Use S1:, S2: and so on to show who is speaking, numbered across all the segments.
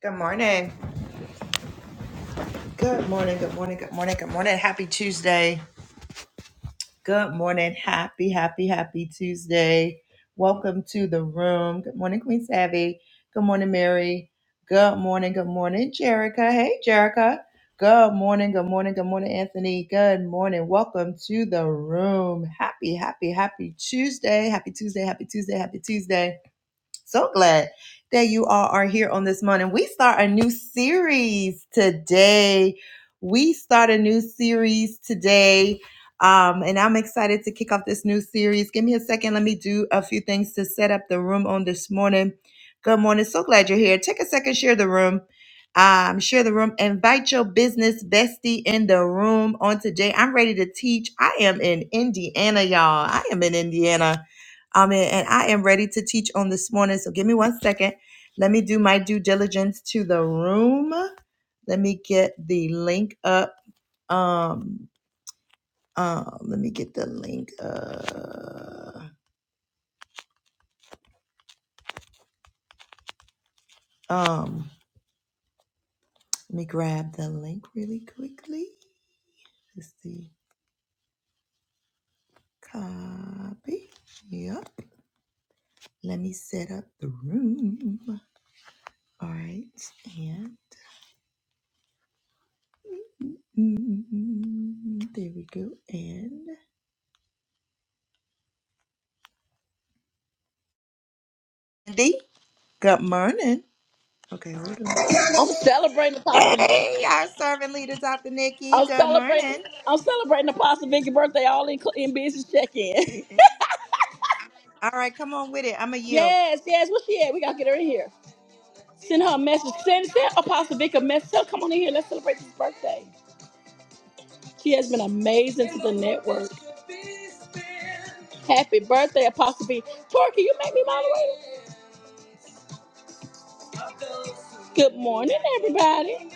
S1: Good morning. Good morning. Good morning. Good morning. Good morning. Happy Tuesday. Good morning. Happy, happy, happy Tuesday. Welcome to the room. Good morning, Queen Savvy. Good morning, Mary. Good morning. Good morning, Jerica. Hey, Jerica. Good morning. Good morning. Good morning, Anthony. Good morning. Welcome to the room. Happy, happy, happy Tuesday. Happy Tuesday. Happy Tuesday. Happy Tuesday. So glad that you all are here on this morning. We start a new series today. We start a new series today. Um, and I'm excited to kick off this new series. Give me a second. Let me do a few things to set up the room on this morning. Good morning. So glad you're here. Take a second, share the room. Um, share the room. Invite your business bestie in the room on today. I'm ready to teach. I am in Indiana, y'all. I am in Indiana Amen. And I am ready to teach on this morning. So give me one second. Let me do my due diligence to the room. Let me get the link up. Um, um, let me get the link. Uh, um, let me grab the link really quickly. Let's see. Copy. Yep. Let me set up the room. All right. And mm, there we go. And Andy, good morning. Okay, hold on.
S2: I'm celebrating Apostle.
S1: Hey, our servant leader, Dr. Nikki.
S2: I'm
S1: Good
S2: celebrating.
S1: morning.
S2: I'm celebrating Apostle Vicky's birthday all in, in business check-in.
S1: All right, come on with it. I'm a you.
S2: yes, yes. Where she at? We gotta get her in here. Send her a message. Send, send Apostle Vicky a message. Tell her, come on in here. Let's celebrate this birthday. She has been amazing to the network. Happy birthday, Apostle V. Tori, can you make me moderator? Good morning, everybody.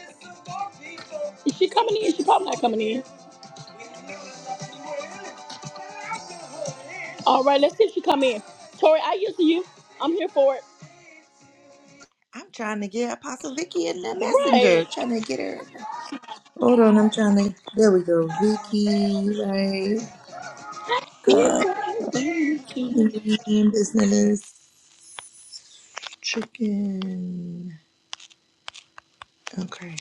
S2: Is she coming in? She probably not coming in. All right, let's see if she come in. Tori, I used to you. I'm here for it.
S1: I'm trying to get Apostle Vicky in the messenger.
S2: Right.
S1: Trying to get her. Hold on, I'm trying to. There we go. Vicky, right? Come in, business, chicken. Okay.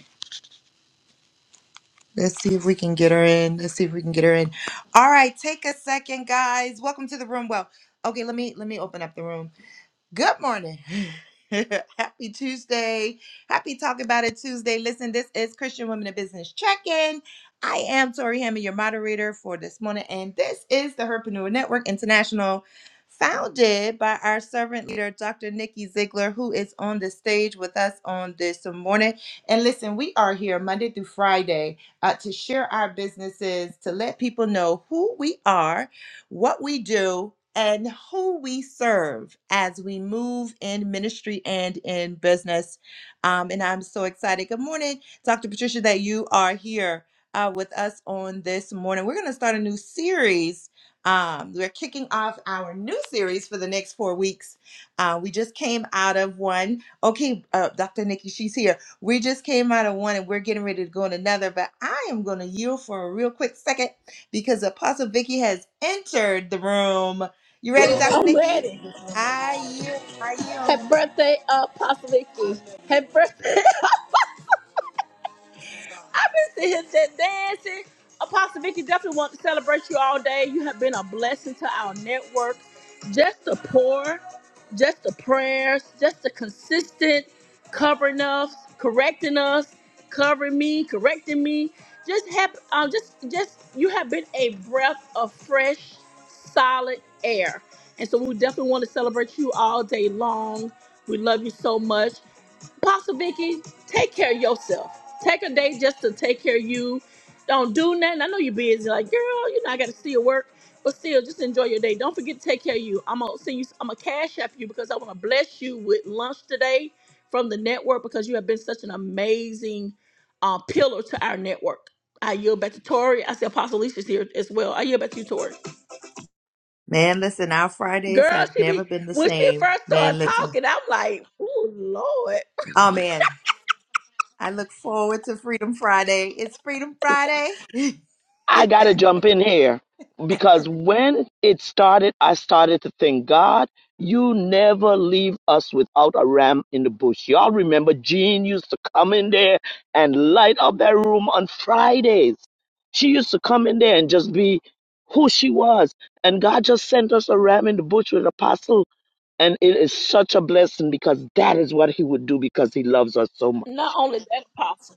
S1: Let's see if we can get her in. Let's see if we can get her in. All right, take a second, guys. Welcome to the room. Well, okay, let me let me open up the room. Good morning. Happy Tuesday. Happy Talk About It Tuesday. Listen, this is Christian Women in Business Check In. I am Tori Hammond, your moderator for this morning, and this is the Herpreneur Network International, founded by our servant leader, Dr. Nikki Ziegler, who is on the stage with us on this morning. And listen, we are here Monday through Friday uh, to share our businesses, to let people know who we are what we do, and who we serve as we move in ministry and in business. Um, and I'm so excited. Good morning, Dr. Patricia, that you are here uh, with us on this morning. We're going to start a new series. Um, we're kicking off our new series for the next four weeks. Uh, we just came out of one. Okay, uh, Dr. Nikki, she's here. We just came out of one and we're getting ready to go on another, but I am going to yield for a real quick second because Apostle Vicky has entered the room. You ready, Dr.
S2: I'm
S1: Nikki?
S2: ready.
S1: I yield. I yield.
S2: Happy birthday, uh, Apostle Vicky. Happy birthday. I've been sitting here just dancing. Apostle Vicky definitely want to celebrate you all day. You have been a blessing to our network. Just the pour, just the prayers, just the consistent covering us, correcting us, covering me, correcting me. Just have um just just you have been a breath of fresh, solid air. And so we definitely want to celebrate you all day long. We love you so much. Apostle Vicky, take care of yourself. Take a day just to take care of you. Don't do nothing. I know you're busy. Like, girl, you know, I got to still work. But still, just enjoy your day. Don't forget to take care of you. I'm going to send you, I'm going to cash app you because I want to bless you with lunch today from the network because you have been such an amazing uh, pillar to our network. I yield back to Tori. I see Apostle Alicia's here as well. I yield back to you, Tori.
S1: Man, listen, our Fridays
S2: Girl,
S1: have
S2: she
S1: never
S2: be,
S1: been the
S2: when she
S1: same.
S2: first
S1: Man,
S2: started
S1: listen.
S2: talking, I'm like, oh, Lord.
S1: Oh, man. I look forward to Freedom Friday. It's Freedom Friday.
S3: I got to
S1: and
S3: jump in here because when it started, I started to think, God, you never leave us without a ram in the bush. Y'all remember Jean used to come in there and light up that room on Fridays. She used to come in there and just be who she was. And God just sent us a ram in the bush with apostle. And it is such a blessing because that is what he would do because he loves us so much.
S2: Not only that, Apostle.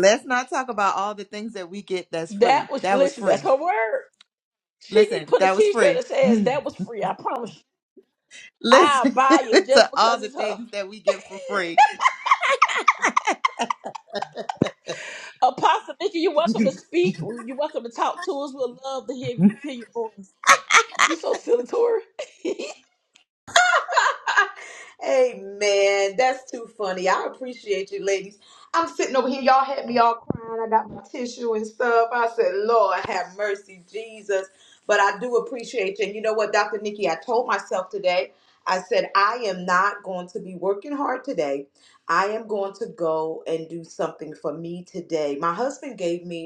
S1: let's not talk about all the things that we get that's free.
S2: That was
S1: That was
S2: listen. That's
S1: free.
S2: her word. She need to
S1: Listen,
S2: put a
S1: that was
S2: T-shirt
S1: free.
S2: that says
S1: Mm.
S2: that was free. I promise you. I'll
S1: Listen
S2: buy it just
S1: to all
S2: because
S1: the
S2: it's her.
S1: things that we get for free.
S2: Apostle Nikki, you're welcome to speak. You're welcome to talk to us. We'll love to hear you hear your voice. You're so silly,
S4: Hey man, That's too funny. I appreciate you, ladies. I'm sitting over here. Y'all had me all crying. I got my tissue and stuff. I said, Lord, have mercy, Jesus. But I do appreciate you. And you know what, Dr. Nikki, I told myself today, I said, I am not going to be working hard today. I am going to go and do something for me today. My husband gave me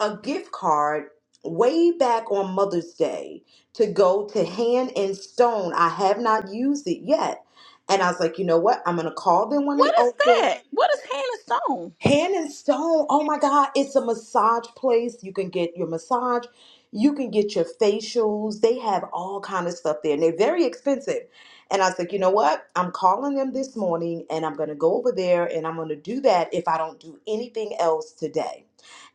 S4: a gift card way back on Mother's Day to go to Hand and Stone. I have not used it yet. And I was like, you know what? I'm going to call them when they
S2: What is
S4: open
S2: that? What is hand and stone?
S4: Hand and Stone, oh my God, it's a massage place. You can get your massage, you can get your facials. They have all kind of stuff there, and they're very expensive. And I was like, you know what? I'm calling them this morning, and I'm gonna go over there, and I'm gonna do that if I don't do anything else today.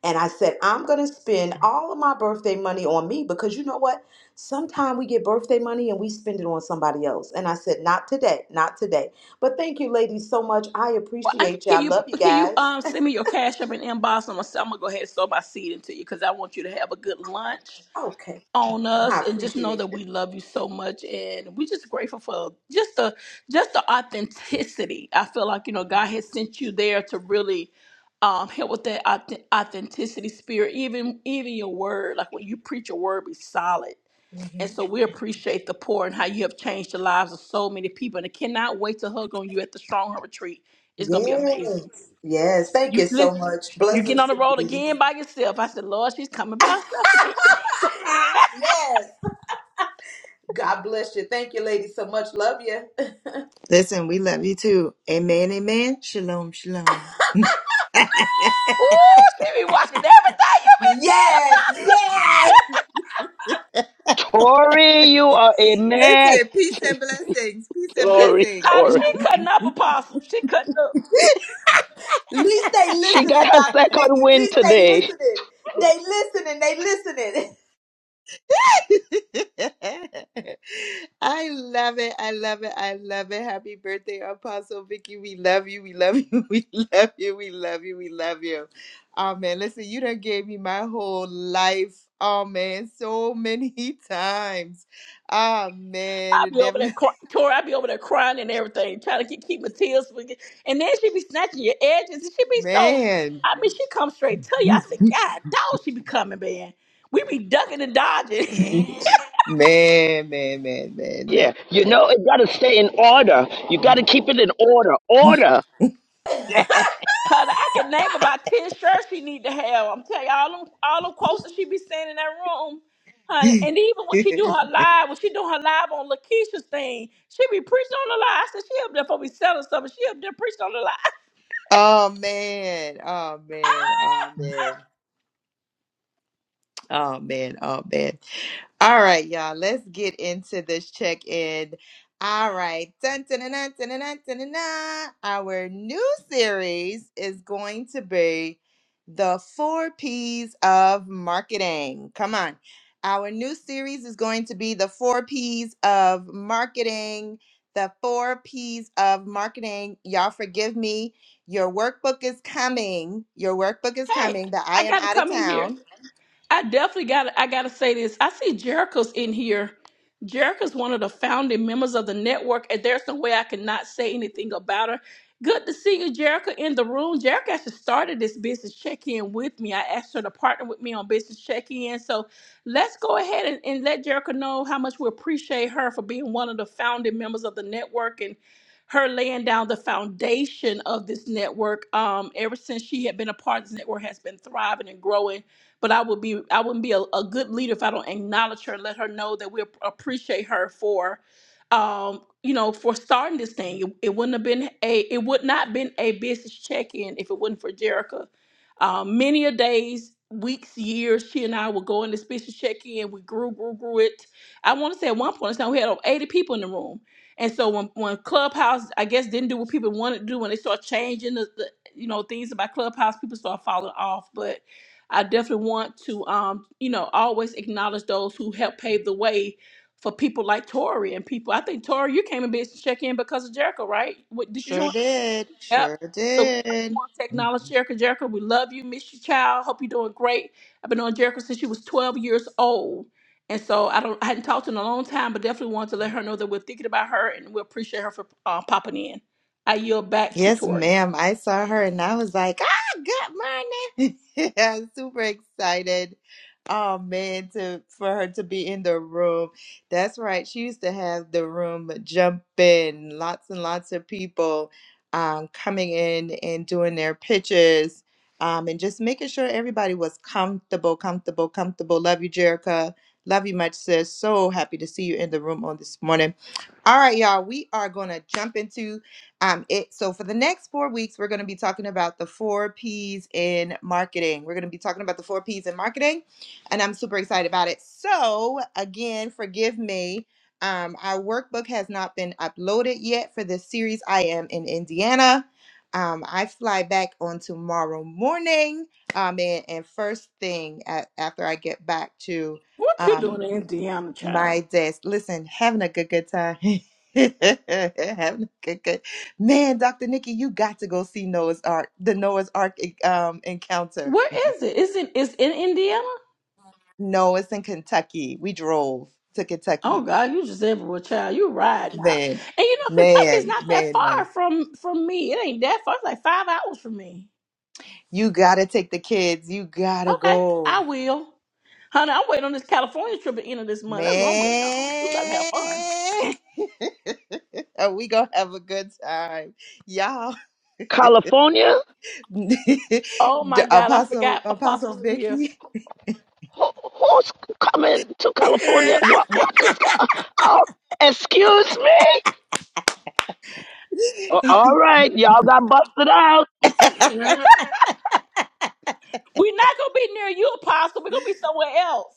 S4: And I said, I'm gonna spend all of my birthday money on me because you know what? Sometimes we get birthday money and we spend it on somebody else. And I said, not today, not today. But thank you, ladies, so much. I
S2: Well, I-
S4: appreciate you. I
S2: Can you
S4: love you
S2: can you
S4: guys.
S2: um send me your cash up and inbox? I'm gonna, I'm gonna go ahead and sow my seed into you because I want you to have a good lunch
S4: Okay.
S2: on
S4: I
S2: us and just know
S4: appreciate
S2: that
S4: it.
S2: we love you so much and we just grateful for just the just the authenticity i feel like you know god has sent you there to really um help with that auth- authenticity spirit even even your word like when you preach your word be solid and
S4: Mhm.
S2: so we appreciate the poor and how you have changed the lives of so many people and i cannot wait to hug on you at the strong retreat it's gonna be
S4: Yes.
S2: amazing
S4: Yes. Thank you
S2: you
S4: so
S2: listen
S4: much.
S2: you get
S4: Blessings
S2: on the
S4: to you,
S2: road
S4: ladies.
S2: again by yourself. I said, Lord, she's coming by herself again.
S4: Yes. God bless you. Thank you, ladies, so much. Love you.
S1: Listen, we love you too. Amen, amen. Shalom, shalom.
S2: Ooh, she be watching everything you been saying,
S4: Yes.
S2: Apostle.
S4: Yes.
S3: Tori, you are a man.
S1: Listen, peace and blessings. Peace and
S2: She,
S3: Tori,
S1: blessings.
S2: honey,
S3: Tori.
S2: she cutting up, Apostle. She cutting up.
S4: Least they
S3: She
S4: listening,
S3: got her
S4: Dr.
S3: second
S4: Nikki.
S3: win
S4: Least they
S3: today.
S4: listening. They listening. They listening.
S1: I love it. I love it. I love it. Happy birthday, Apostle Vicky. We love you. We love you. We love you. We love you. We love you. Oh man, listen, you done gave me my whole life. Oh man, so many times. Ah man,
S2: I
S1: the
S2: be over
S1: devil
S2: there crying, Tori. I be over there crying and everything, trying to keep, keep my tears from get- And then she be snatching your edges, and she be so.
S1: man.
S2: I mean, she come straight to you. I said, God, dog, she be coming, man. We be ducking and dodging.
S1: Man, man, man, man, man.
S3: Yeah, you know, it got to stay in order. You got to keep it in order.
S1: oh
S3: Order.
S2: Honey, I can name about ten shirts she need to have. I'm telling you, all them, all them quotes that she be saying in that room, honey. And even when she do
S1: man,
S2: her live, when she do her live on Lakeisha's thing, she be preaching on the lie. I said she up there for be selling stuff, and she up there preaching on the lie.
S1: oh man, oh man, oh man, oh man. All right, y'all. Let's get into this check in. All right. Dun, dun, dun, dun, dun, dun, dun, dun, dun, dun. Our new series is going to be the four P's of marketing. Come on. Our new series is going to be the four P's of marketing. The four P's of marketing. Y'all forgive me. Your workbook is coming. Your workbook is
S2: Hey,
S1: coming. That I
S2: I
S1: am
S2: gotta
S1: out of
S2: come in here.
S1: town.
S2: I definitely got. I gotta say this. I see Jericho's in here. Jericho's one of the founding members of the network, and there's no way I cannot say anything about her. Good to see you, Jericho, in the room. Jericho actually started this business check-in with me. I asked her to partner with me on business check-in. So let's go ahead and, and let Jericho know how much we appreciate her for being one of the founding members of the network and her laying down the foundation of this network. Um, ever since she had been a part of this network, has been thriving and growing but I would be I wouldn't be a, a good leader if I don't acknowledge her, let her know that we ap- appreciate her for um you know for starting this thing. It, it wouldn't have been a it would not been a business check-in if it wasn't for Jerica. Um, many a days, weeks, years, she and I would go in this business check-in. We grew, grew, grew it. I want to say at one point in time we had over 80 people in the room. And so when, when Clubhouse, I guess, didn't do what people wanted to do, when they start changing the, the you know things about Clubhouse, people start falling off. But I definitely want to, um, you know, always acknowledge those who helped pave the way for people like Tori and people. I think Tori, you came and business check in because of Jericho, right? What, did you
S1: Sure
S2: join? Sure.
S1: did.
S2: Yep.
S1: Sure
S2: So we definitely
S1: did.
S2: want to acknowledge Jericho. Jericho, we love you, miss you, child. Hope you're doing great. I've been on Jericho since she was 12 years old. And so I don't, I hadn't talked to her in a long time, but definitely want to let her know that we're thinking about her and we appreciate her for uh, popping in. I yield back to
S1: Yes,
S2: Tori.
S1: ma'am. I saw her and I was like, ah, good morning. I'm super excited. Oh man, to for her to be in the room. That's right. She used to have the room jumping, lots and lots of people um, coming in and doing their pitches. Um, and just making sure everybody was comfortable, comfortable, comfortable. Love you, Jerica. Love you much, sis. So happy to see you in the room on this morning. All right, y'all. We are gonna jump into um, it so for the next four weeks, we're going to be talking about the four P's in marketing. We're going to be talking about the four P's in marketing, and I'm super excited about it. So again, forgive me. Um, our workbook has not been uploaded yet for this series. I am in Indiana. Um, I fly back on tomorrow morning. Um, and, and first thing a- after I get back to
S2: What you doing
S1: um,
S2: in Indiana,
S1: my
S2: child?
S1: desk. Listen, having a good good time. having a good good man, Dr. Nikki, you got to go see Noah's Ark, the Noah's Ark eh, um encounter.
S2: Where is it? Is it is in Indiana?
S1: No, it's in Kentucky. We drove to
S2: Oh
S1: Kentucky.
S2: God, you just everywhere, child. You ride now,
S1: Man,
S2: and you know Kentucky's
S1: man,
S2: not that
S1: man,
S2: far
S1: man.
S2: from from me. It ain't that far. It's like five hours from me.
S1: You gotta take the kids. You gotta
S2: Okay, I
S1: go.
S2: will, honey. I'm waiting on this California trip at the end of this month. That's what I'm
S1: Man,
S2: waiting on. We about to have fun.
S1: And we gonna have a good time, y'all.
S3: California?
S1: D-
S2: Oh my God, I
S1: Apostle,
S2: forgot
S1: Apostle
S2: Apostle's in here.
S1: Vicky.
S3: Who, who's coming to California? What? What is going Oh, excuse me? Oh, all right, y'all got busted out.
S2: Mhm. We're not gonna be near you, Apostle. We're gonna be somewhere else.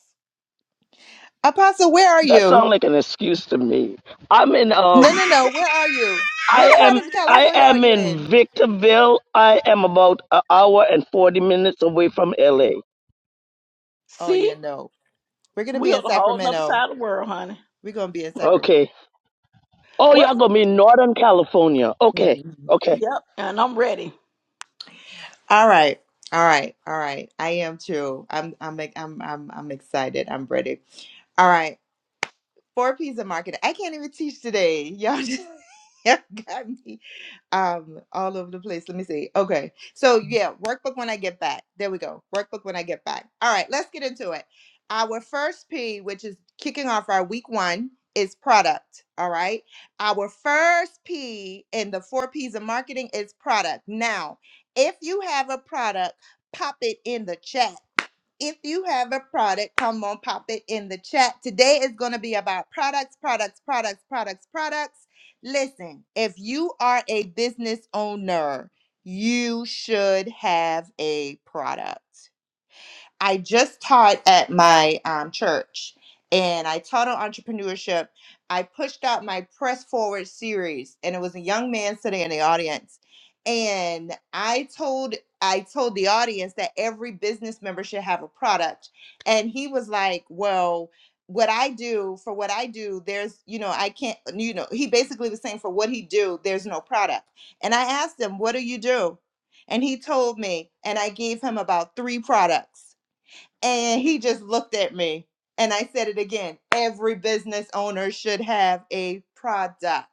S1: Apostle, where are
S3: That
S1: you?
S3: sounds like an excuse to me. I'm in,
S1: No,
S3: um,
S1: no, no. Where are you?
S3: I
S1: What part
S3: am.
S1: of
S3: I
S1: California are
S3: am
S1: you in?
S3: in Victorville. I am about an hour and 40 minutes away from LA.
S1: Oh, yeah,
S2: See,
S1: no. We're going to be
S2: we on
S1: in
S2: the whole other
S1: Sacramento.
S2: side of the world, honey.
S1: We're going to be in Sacramento.
S3: Okay. Oh, y'all
S2: What's?
S3: gonna be in Northern California. Okay,
S1: Mhm.
S3: okay.
S2: Yep, and I'm ready.
S1: All right. All right. All right. I am too. I'm I'm I'm I'm I'm excited. I'm ready. All right. Four P's of marketing. I can't even teach today. Y'all just y'all got me um all over the place. Let me see. Okay. So yeah, workbook when I get back. There we go. Workbook when I get back. All right, let's get into it. Our first P, which is kicking off our week one, is product. All right. Our first P in the four P's of marketing is product. Now, if you have a product, pop it in the chat. If you have a product, come on, pop it in the chat. Today is going to be about products, products, products, products, products. Listen, if you are a business owner, you should have a product. I just taught at my um, church and I taught on entrepreneurship. I pushed out my press forward series and it was a young man sitting in the audience. And I told I told the audience that every business member should have a product. And he was like, Well, what I do for what I do, there's you know, I can't you know, he basically was saying for what he do, there's no product. And I asked him, What do you do? And he told me, and I gave him about three products. And he just looked at me and I said it again. Every business owner should have a product.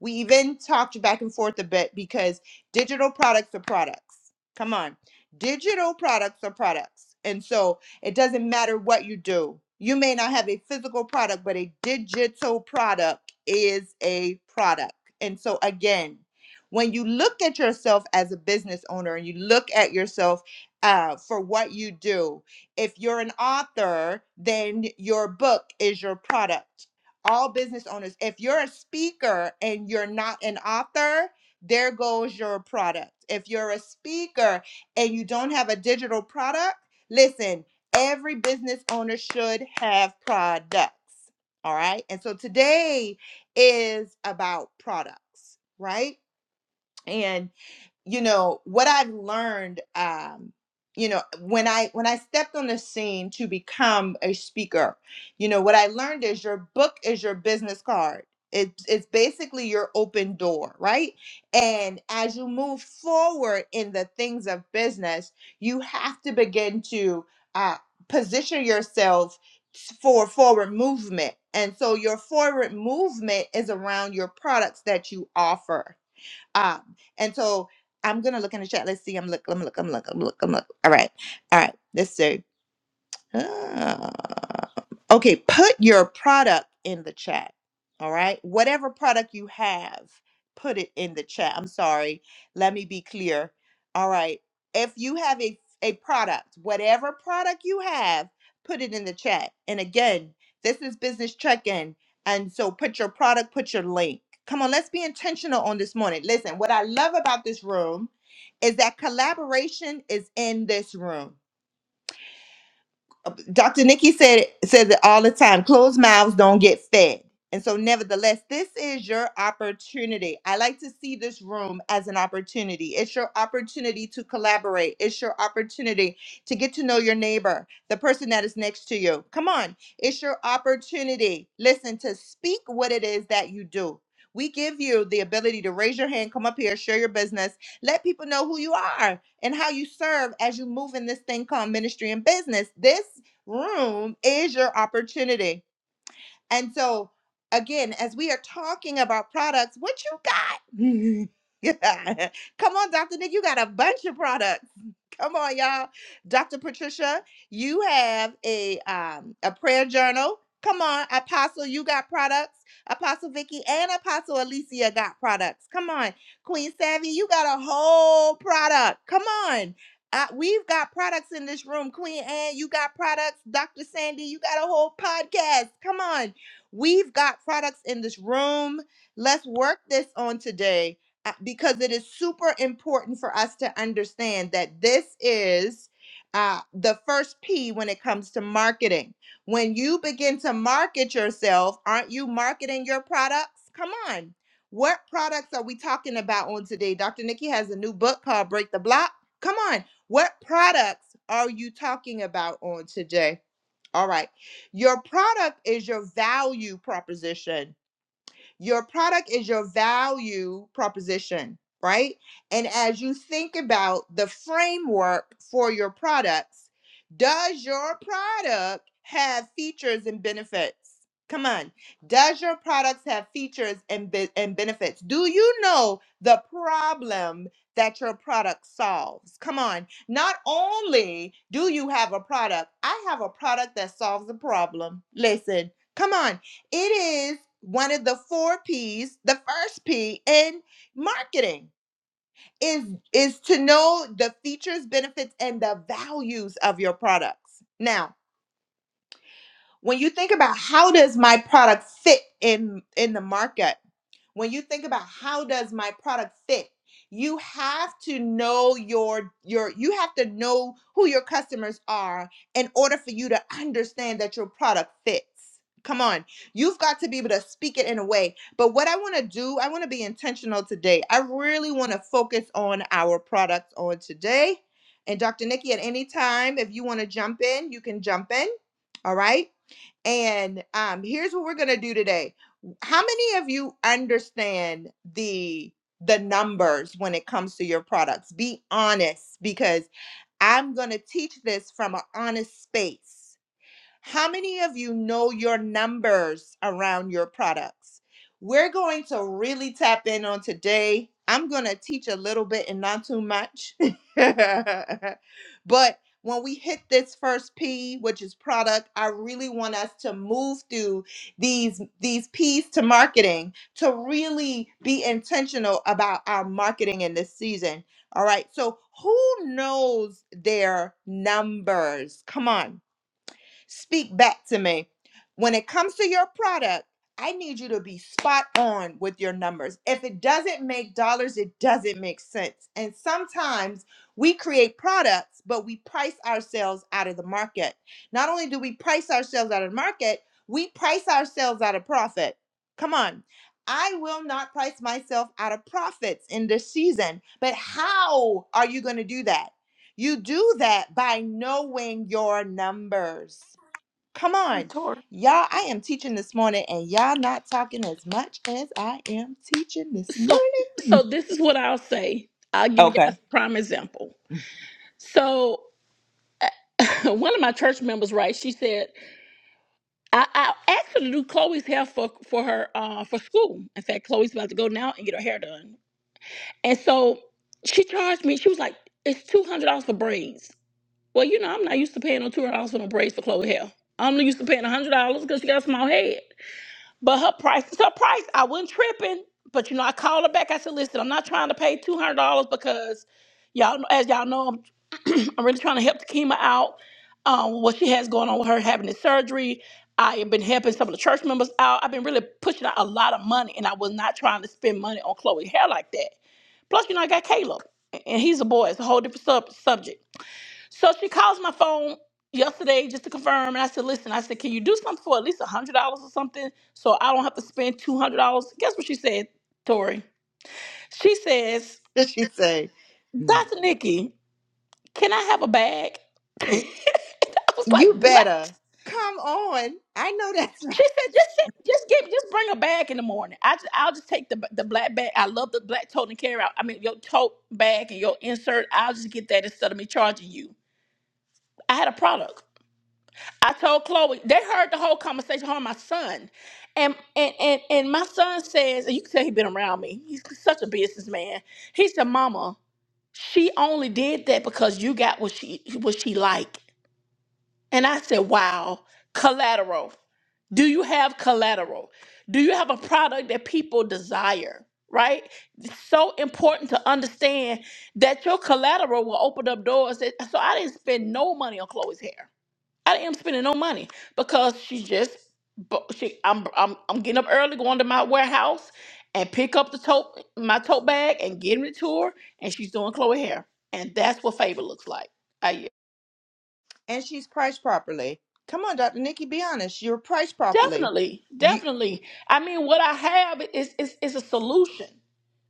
S1: We even talked back and forth a bit because digital products are products. Come on. Digital products are products. And so it doesn't matter what you do. You may not have a physical product, but a digital product is a product. And so again, when you look at yourself as a business owner and you look at yourself uh, for what you do, if you're an author, then your book is your product. All business owners, if you're a speaker and you're not an author, there goes your product. If you're a speaker and you don't have a digital product, listen, every business owner should have products. All right. And so today is about products, right? And you know what i've learned um you know when i when i stepped on the scene to become a speaker you know what i learned is your book is your business card it's it's basically your open door right and as you move forward in the things of business you have to begin to uh, position yourself for forward movement and so your forward movement is around your products that you offer um, and so I'm gonna look in the chat. Let's see. I'm look. I'm look. I'm look. I'm look. I'm look. All right. All right. Let's see. ah. Okay, put your product in the chat. All right. Whatever product you have, put it in the chat. I'm sorry. Let me be clear. All right. If you have a, a product, whatever product you have, put it in the chat. And again, this is business check in. And so put your product, put your link. Come on, let's be intentional on this morning. Listen, what I love about this room is that collaboration is in this room. Dr. Nikki said says it all the time. Closed mouths don't get fed. And so, nevertheless, this is your opportunity. I like to see this room as an opportunity. It's your opportunity to collaborate. It's your opportunity to get to know your neighbor, the person that is next to you. Come on. It's your opportunity. Listen, to speak what it is that you do. We give you the ability to raise your hand, come up here, share your business, let people know who you are and how you serve as you move in this thing called ministry and business. This room is your opportunity. And so, again, as we are talking about products, what you got? Yeah, Come on, Dr. Nick, you got a bunch of products. Come on, y'all. Dr. Patricia, you have a um, a prayer journal. Come on, Apostle, you got products. Apostle Vicky and Apostle Alicia got products. Come on, Queen Savvy, you got a whole product. Come on. Uh, we've got products in this room. Queen Anne, you got products. Dr. Sandy, you got a whole podcast. Come on. We've got products in this room. Let's work this on today uh, because it is super important for us to understand that this is uh, the first P when it comes to marketing. When you begin to market yourself, aren't you marketing your products? Come on. What products are we talking about on today? Dr. Nikki has a new book called Break the Block. Come on. What products are you talking about on today? All right. Your product is your value proposition your product is your value proposition, right? And as you think about the framework for your products, does your product have features and benefits? Come on. Does your products have features and, be- and benefits? Do you know the problem that your product solves? Come on. Not only do you have a product, I have a product that solves a problem. Listen, come on. It is one of the four P's. The first P in marketing is is to know the features, benefits, and the values of your products. Now, when you think about how does my product fit in in the market when you think about how does my product fit you have to know your your you have to know who your customers are in order for you to understand that your product fits come on you've got to be able to speak it in a way but what i want to do i want to be intentional today i really want to focus on our products on today and dr nikki at any time if you want to jump in you can jump in all right and um, here's what we're gonna do today. How many of you understand the the numbers when it comes to your products? Be honest, because I'm gonna teach this from an honest space. How many of you know your numbers around your products? We're going to really tap in on today. I'm going to teach a little bit and not too much. but when we hit this first P, which is product, I really want us to move through these these P's to marketing to really be intentional about our marketing in this season. All right. So, who knows their numbers? Come on. Speak back to me. When it comes to your product, I need you to be spot on with your numbers. If it doesn't make dollars, it doesn't make sense. And sometimes we create products, but we price ourselves out of the market. Not only do we price ourselves out of the market, we price ourselves out of profit. Come on. I will not price myself out of profits in this season. But how are you going to do that? You do that by knowing your numbers. Come
S2: Hey,
S1: on.
S2: Tori.
S1: Y'all, I am teaching this morning and y'all not talking as much as I am teaching this
S2: So, so
S1: morning.
S2: this is what I'll say. I'll give you guys
S1: Okay.
S2: a prime example. So, one of my church members, right? She said, I, I asked her to do Chloe's hair for for her uh, for school. In fact, Chloe's about to go now and get her hair done. And so she charged me. She was like, "It's two hundred dollars for braids." Well, you know, I'm not used to paying no two hundred dollars for no braids for Chloe hair. I'm used to paying hundred dollars because she got a small head. But her price is her price. I wasn't tripping. But you know, I called her back. I said, listen, I'm not trying to pay two hundred dollars because y'all kn- as y'all know, I'm I'm really trying to help the Takima out. Um, what she has going on with her having the surgery. I have been helping some of the church members out. I've been really pushing out a lot of money, and I was not trying to spend money on Chloe hair like that. Plus, you know, I got Caleb, and he's a boy. It's a whole different sub- subject. So she calls my phone yesterday just to confirm, and I said, "Listen, I said, can you do something for at least a hundred dollars or something, so I don't have to spend two hundred dollars?" Guess what she said, Tori? She says,
S1: She say, "Hmm,
S2: "Dr. Nikki, can I have a bag?" I was like,
S1: you
S2: "What?"
S1: better come on. I know that's right.
S2: She said, "Just send- just give, just bring a bag in the morning. I just, I'll just take the the black bag. I love the black tote and carry out. I mean, your tote bag and your insert. I'll just get that instead of me charging you. I had a product." I told Chloe, they heard the whole conversation, her and my son. And and and, and my son says, and you can tell he's been around me. He's such a businessman. He said, Mama, she only did that because you got what she what she like. And I said, Wow, collateral. Do you have collateral? Do you have a product that people desire? Right? It's so important to understand that your collateral will open up doors. That, so I didn't spend no money on Chloe's hair. I am spending no money because she just bu- she I'm I'm I'm getting up early, going to my warehouse and pick up the tote my tote bag and getting it to her, and she's doing Chloe hair, and that's what favor looks like. I
S1: And she's priced properly. Come on, Dr. Nikki, be honest. You're priced properly.
S2: definitely,
S1: You
S2: definitely. I mean, what I have is is is a solution.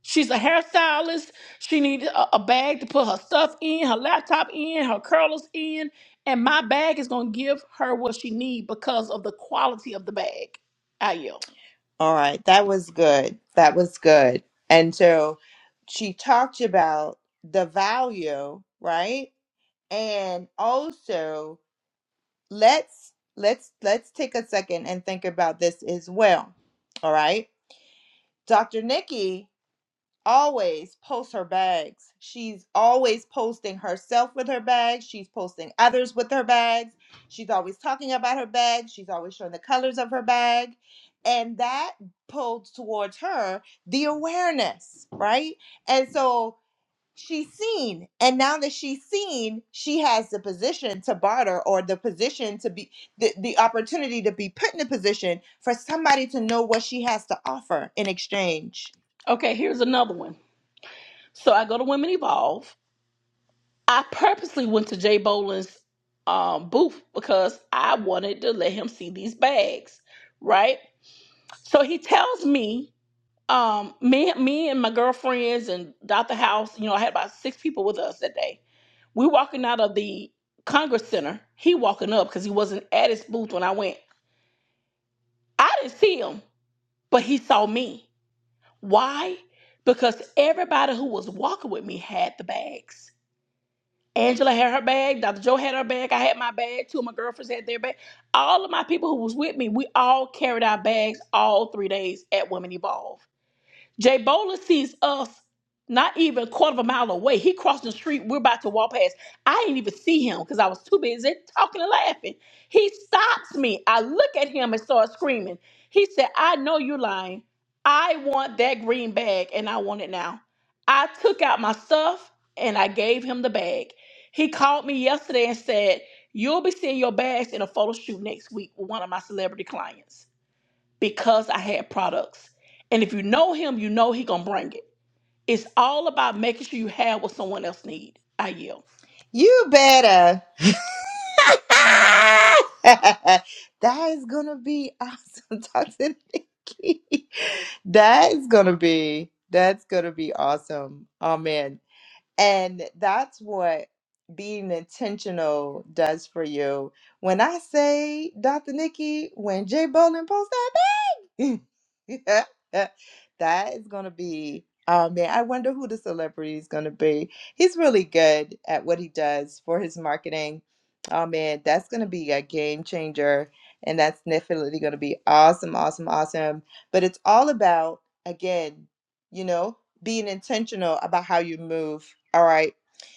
S2: She's a hairstylist. She needs a, a bag to put her stuff in, her laptop in, her curlers in, and my bag is gonna give her what she need because of the quality of the bag. I
S1: all right, that was good. That was good. And so she talked about the value, right? And also let's let's let's take a second and think about this as well all right dr nikki always posts her bags she's always posting herself with her bags she's posting others with her bags she's always talking about her bag she's always showing the colors of her bag and that pulls towards her the awareness right and so she's seen and now that she's seen she has the position to barter or the position to be the, the opportunity to be put in a position for somebody to know what she has to offer in exchange
S2: Okay, here's another one. So I go to Women Evolve. I purposely went to Jay Boland's um, booth because I wanted to let him see these bags, right? So he tells me, um, me, me and my girlfriends and Dr. House, you know, I had about six people with us that day. We walking out of the Congress Center. He walking up because he wasn't at his booth when I went. I didn't see him, but he saw me. Why? Because everybody who was walking with me had the bags Angela had her bag. Dr. Joe had her bag. I had my bag. Two of my girlfriends had their bag. All of my people who was with me, we all carried our bags all three days at Women Evolve. Jay Bola sees us not even a quarter of a mile away. He crossed the street. We're about to walk past. I didn't even see him because I was too busy talking and laughing. He stops me. I look at him and start screaming. He said, I know you're lying. I want that green bag and I want it now. I took out my stuff and I gave him the bag. He called me yesterday and said, You'll be seeing your bags in a photo shoot next week with one of my celebrity clients because I had products. And if you know him, you know he gonna bring it. It's all about making sure you have what someone else need. I yell.
S1: you better that is gonna be awesome, Dr. Nikki. That is gonna be that's gonna be awesome. Oh man. And that's what being intentional does for you. When I say Dr. Nikki, when Jay Bolin posts that. that is gonna be oh man, I wonder who the celebrity is gonna be. He's really good at what he does for his marketing. Oh man, that's gonna be a game changer. And that's definitely gonna be awesome, awesome, awesome. But it's all about, again, you know, being intentional about how you move. All right.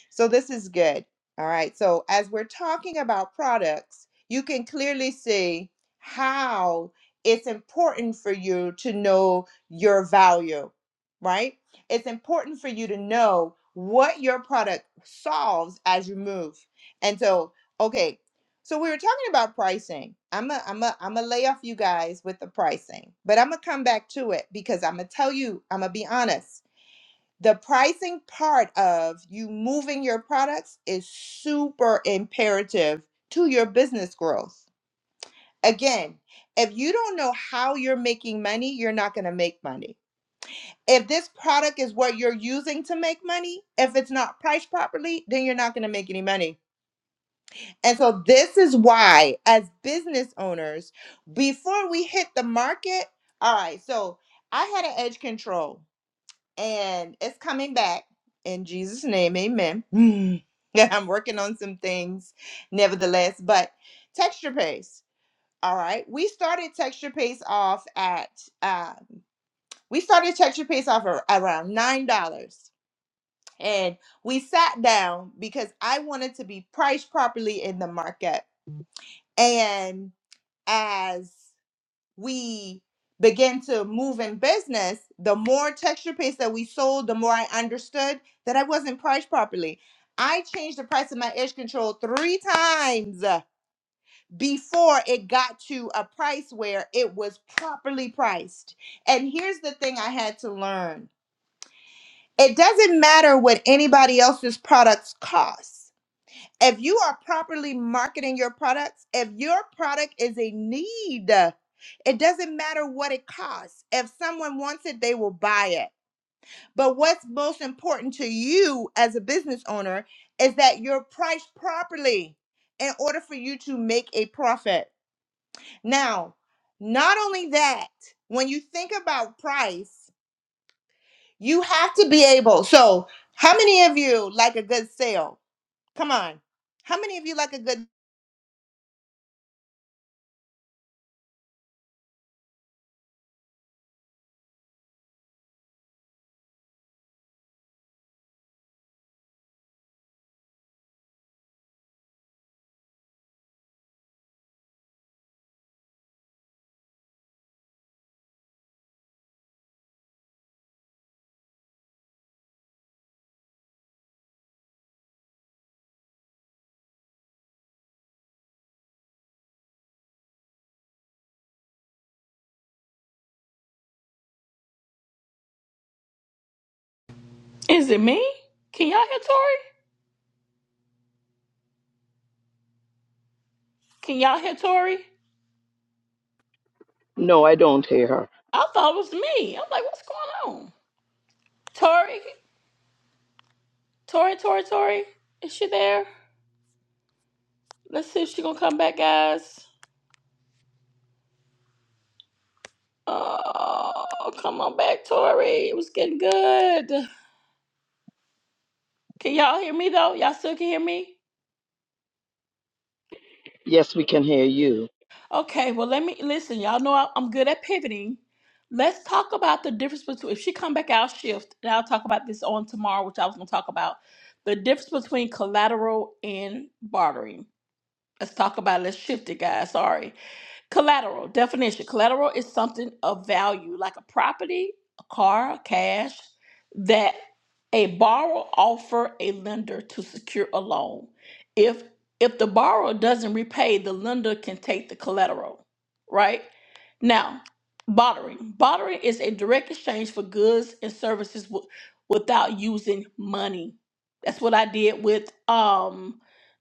S1: So this is good. All right. So as we're talking about products, you can clearly see how it's important for you to know your value, right? It's important for you to know what your product solves as you move. And so, okay, so we were talking about pricing. I'm a, I'm a, I'm a lay off you guys with the pricing, but I'm gonna come back to it because I'm gonna tell you, I'm gonna be honest. The pricing part of you moving your products is super imperative to your business growth Again, if you don't know how you're making money, you're not going to make money. If this product is what you're using to make money, if it's not priced properly, then you're not going to make any money. And so, this is why, as business owners, before we hit the market, all right, so I had an edge control and it's coming back in Jesus' name, amen. Yeah, I'm working on some things, nevertheless, but texture paste. All right. We started Texture Paste off at um, we started Texture Paste off ar- around nine dollars, and we sat down because I wanted to be priced properly in the market. And as we began to move in business, the more Texture Paste that we sold, the more I understood that I wasn't priced properly. I changed the price of my edge control three times before it got to a price where it was properly priced. And here's the thing I had to learn it doesn't matter what anybody else's products cost. If you are properly marketing your products, if your product is a need, it doesn't matter what it costs. If someone wants it, they will buy it. But what's most important to you as a business owner is that you're priced properly in order for you to make a profit. Now, not only that, when you think about price, you have to be able. So, how many of you like a good sale? Come on. How many of you like a good
S2: Is it me? Can y'all hear Tori? Can y'all hear Tori?
S3: No, I don't hear her.
S2: I thought it was me. I'm like, what's going on? Tori, Tori, Tori, Tori, is she there? Let's see if she gonna come back, guys. Oh, come on back, Tori. It was getting good. Can y'all hear me though? Y'all still can hear me?
S3: Yes, we can hear you.
S2: Okay, well let me listen. Y'all know I, I'm good at pivoting. Let's talk about the difference between if she come back out shift, and I'll talk about this on tomorrow, which I was gonna talk about the difference between collateral and bartering. Let's talk about it. Let's shift it, guys. Sorry. Collateral definition collateral is something of value, like a property, a car, cash, that a borrower offer a lender to secure a loan. If if the borrower doesn't repay, the lender can take the collateral, right? Now, bartering. Bartering is a direct exchange for goods and services w- without using money. That's what I did with um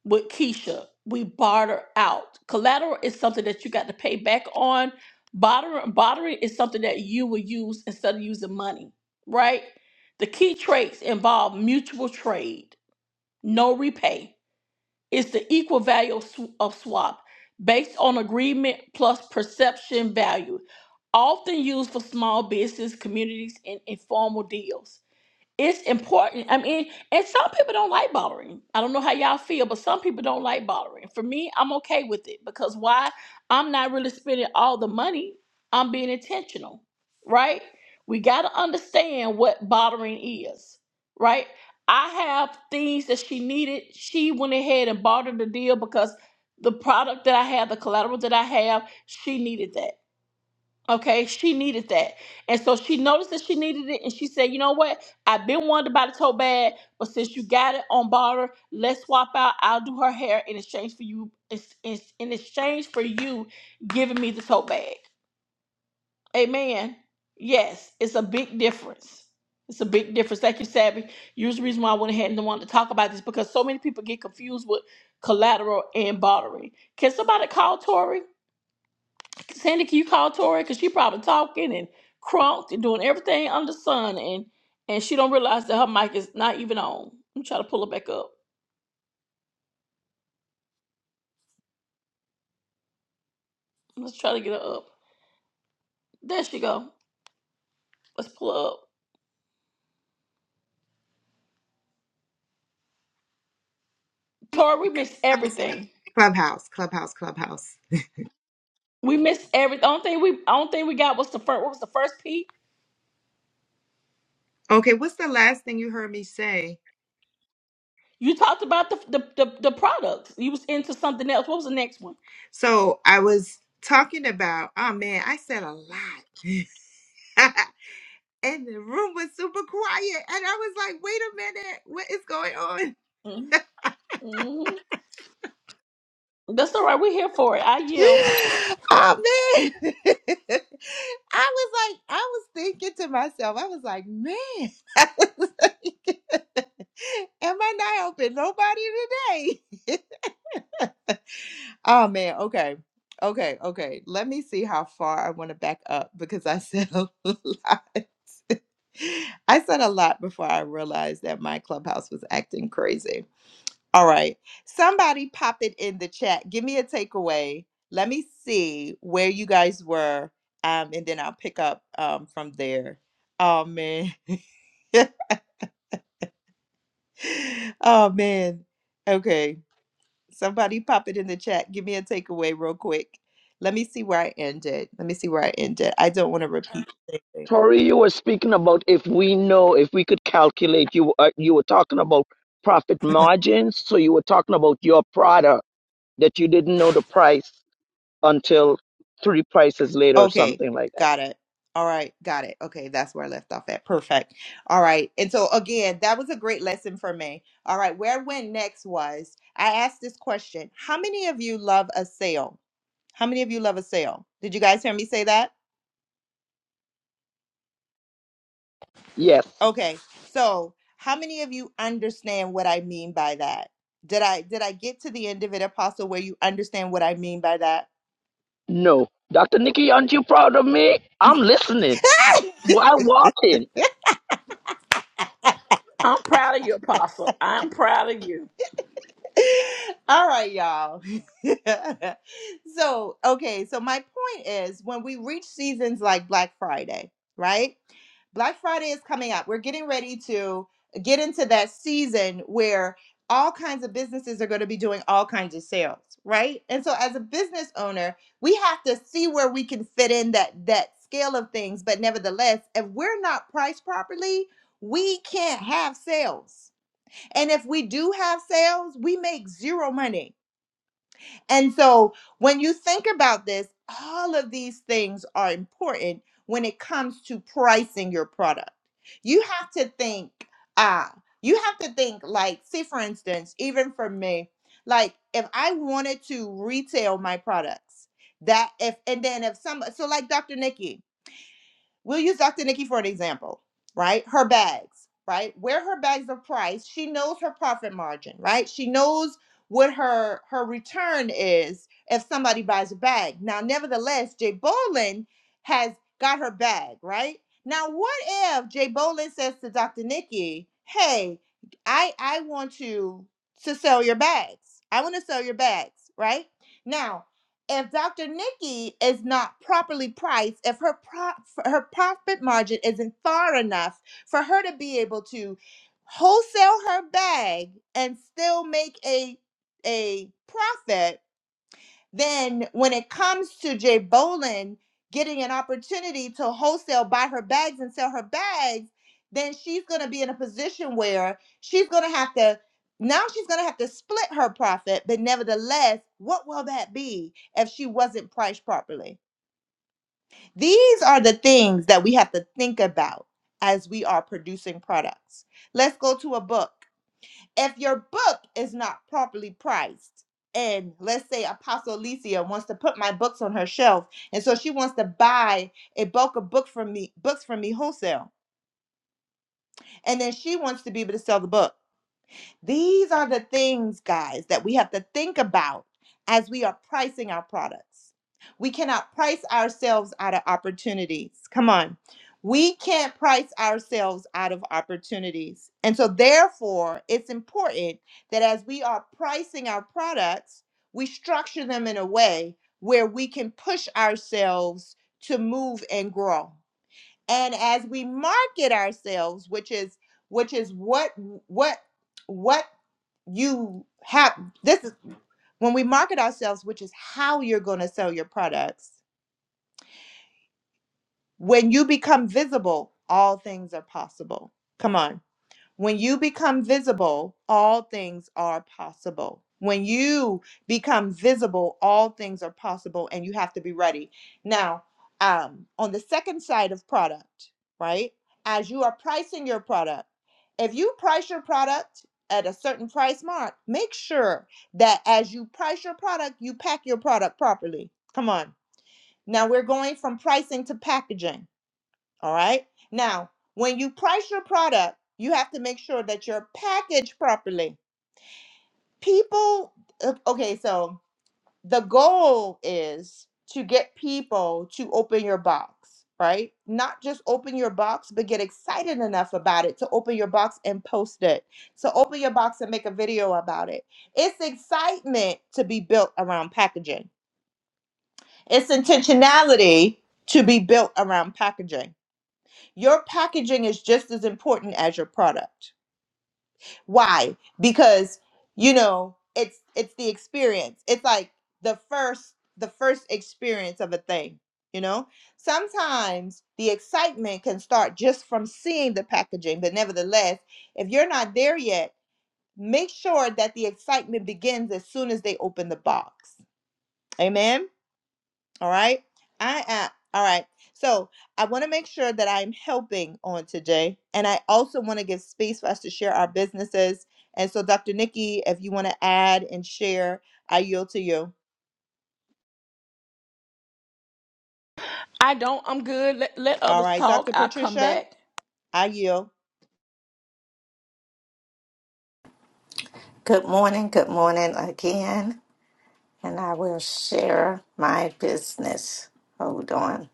S2: with Keisha. We barter out. Collateral is something that you got to pay back on. Bartering, bartering is something that you will use instead of using money, right? The key traits involve mutual trade, no repay. It's the equal value of, sw- of swap based on agreement plus perception value, often used for small business communities and informal deals. It's important. I mean, and some people don't like bothering. I don't know how y'all feel, but some people don't like bothering. For me, I'm okay with it because why? I'm not really spending all the money. I'm being intentional, right? We got to understand what bothering is, right? I have things that she needed. She went ahead and bartered the deal because the product that I have, the collateral that I have, she needed that. Okay, she needed that. And so she noticed that she needed it and she said, you know what? I've been wanting to buy the tote bag, but since you got it on barter, let's swap out. I'll do her hair in exchange for you in, in in exchange for you giving me the tote bag. Amen. Yes, it's a big difference. It's a big difference. Thank you, Savvy. Here's the reason why I went ahead and wanted to talk about this because so many people get confused with collateral and bartering. Can somebody call Tori? Sandy, can you call Tori? Cause she probably talking and crunked and doing everything under the sun, and and she don't realize that her mic is not even on. I'm trying to pull her back up. Let's try to get her up. There she go. Let's pull her up. Tori, we missed
S1: Clubhouse,
S2: everything.
S1: clubhouse, clubhouse. clubhouse.
S2: We missed every. The only thing we, the only thing we got was the first. What was the first P?
S1: Okay, what's the last thing you heard me say?
S2: You talked about the the the, the products. You was into something else. What was the next one?
S1: So I was talking about, oh man, I said a lot. and the room was super quiet. And I was like, wait a minute, what is going on?
S2: Mm-hmm. Mm-hmm. That's all right. We're here for it. I
S1: Oh
S2: yield.
S1: man. I was like, I was thinking to myself, I was like, man, I was like, am I not helping nobody today? oh man, okay. Okay, okay. Let me see how far I want to back up because I said a lot. I said a lot before I realized that my clubhouse was acting crazy. All right. Somebody pop it in the chat. Give me a takeaway. Let me see where you guys were. Um, and then I'll pick up um from there. Oh man. oh man. Okay. Somebody pop it in the chat. Give me a takeaway real quick. Let me see where I ended. Let me see where I ended. I don't want to repeat.
S3: Tori, you were speaking about if we know, if we could calculate. You uh, you were talking about profit margins, so you were talking about your product that you didn't know the price until three prices later or
S1: Okay,
S3: something like that.
S1: got it. All right, got it. Okay, that's where I left off at. Perfect. All right. And so again, that was a great lesson for me. All right, where I went next was I asked this question. How many of you love a sale? How many of you love a sale? Did you guys hear me say that?
S3: Yes.
S1: Okay. So, how many of you understand what I mean by that? Did I did I get to the end of it, Apostle, where you understand what I mean by that?
S3: No. Dr. Nikki, aren't you proud of me? I'm listening. Why walking?
S2: I'm proud of you, Apostle. I'm proud of you.
S1: All right, y'all. so, okay, so my point is when we reach seasons like Black Friday, right? Black Friday is coming up. We're getting ready to get into that season where all kinds of businesses are going to be doing all kinds of sales, right? And so as a business owner, we have to see where we can fit in that that scale of things, but nevertheless, if we're not priced properly, we can't have sales and if we do have sales, we make zero money. And so when you think about this, all of these things are important when it comes to pricing your product. You have to think, ah, you have to think like, say, for instance, even for me, like if I wanted to retail my products, that if, and then if some, so like Dr. Nikki, We'll use Dr. Nikki for an example, right? Her bags, right? Where her bags are priced, she knows her profit margin, right? She knows what her her return is if somebody buys a bag. Now, nevertheless, Jay Bolin has got her bag, right? Now, what if Jay Bolin says to Dr. Nikki, "Hey, I I want you to sell your bags. I want to sell your bags, right?" Now, if Dr. Nikki is not properly priced, if her pro- her profit margin isn't far enough for her to be able to wholesale her bag and still make a a profit, then when it comes to Jay Bolin getting an opportunity to wholesale buy her bags and sell her bags, then she's going to be in a position where she's going to have to now she's going to have to split her profit, but nevertheless, what will that be if she wasn't priced properly? These are the things that we have to think about as we are producing products. Let's go to a book if your book is not properly priced and let's say apostle alicia wants to put my books on her shelf and so she wants to buy a bulk of book from me books from me wholesale and then she wants to be able to sell the book these are the things, guys, that we have to think about as we are pricing our products. We cannot price ourselves out of opportunities. Come on. We can't price ourselves out of opportunities. And so, therefore, it's important that as we are pricing our products, we structure them in a way where we can push ourselves to move and grow. And as we market ourselves, which is which is what what what you have this is when we market ourselves, which is how you're going to sell your products. When you become visible, all things are possible. Come on. When you become visible, all things are possible. When you become visible, all things are possible, and you have to be ready. Now, um, on the second side of product, right? As you are pricing your product, if you price your product at a certain price mark, make sure that as you price your product, you pack your product properly. Come on. Now we're going from pricing to packaging all right. Now, when you price your product, you have to make sure that you're packaged properly. People, uh, okay, so the goal is to get people to open your box, right? Not just open your box, but get excited enough about it to open your box and post it. So open your box and make a video about it. It's excitement to be built around packaging, it's intentionality to be built around packaging. Your packaging is just as important as your product. Why? Because you know, it's it's the experience. It's like the first the first experience of a thing, you know? Sometimes the excitement can start just from seeing the packaging, but nevertheless, if you're not there yet, make sure that the excitement begins as soon as they open the box. Amen. All right. I am. All right. So I want to make sure that I'm helping on today. And I also want to give space for us to share our businesses. And so, Dr. Nikki, if you want to add and share, I yield to you.
S2: I don't. I'm good. Let, let
S1: All
S2: others
S1: right.
S2: talk.
S1: Dr.
S2: I'll come
S1: Patricia,
S2: back.
S1: I yield.
S5: Good morning, good morning again, and I will share my business. Hold on.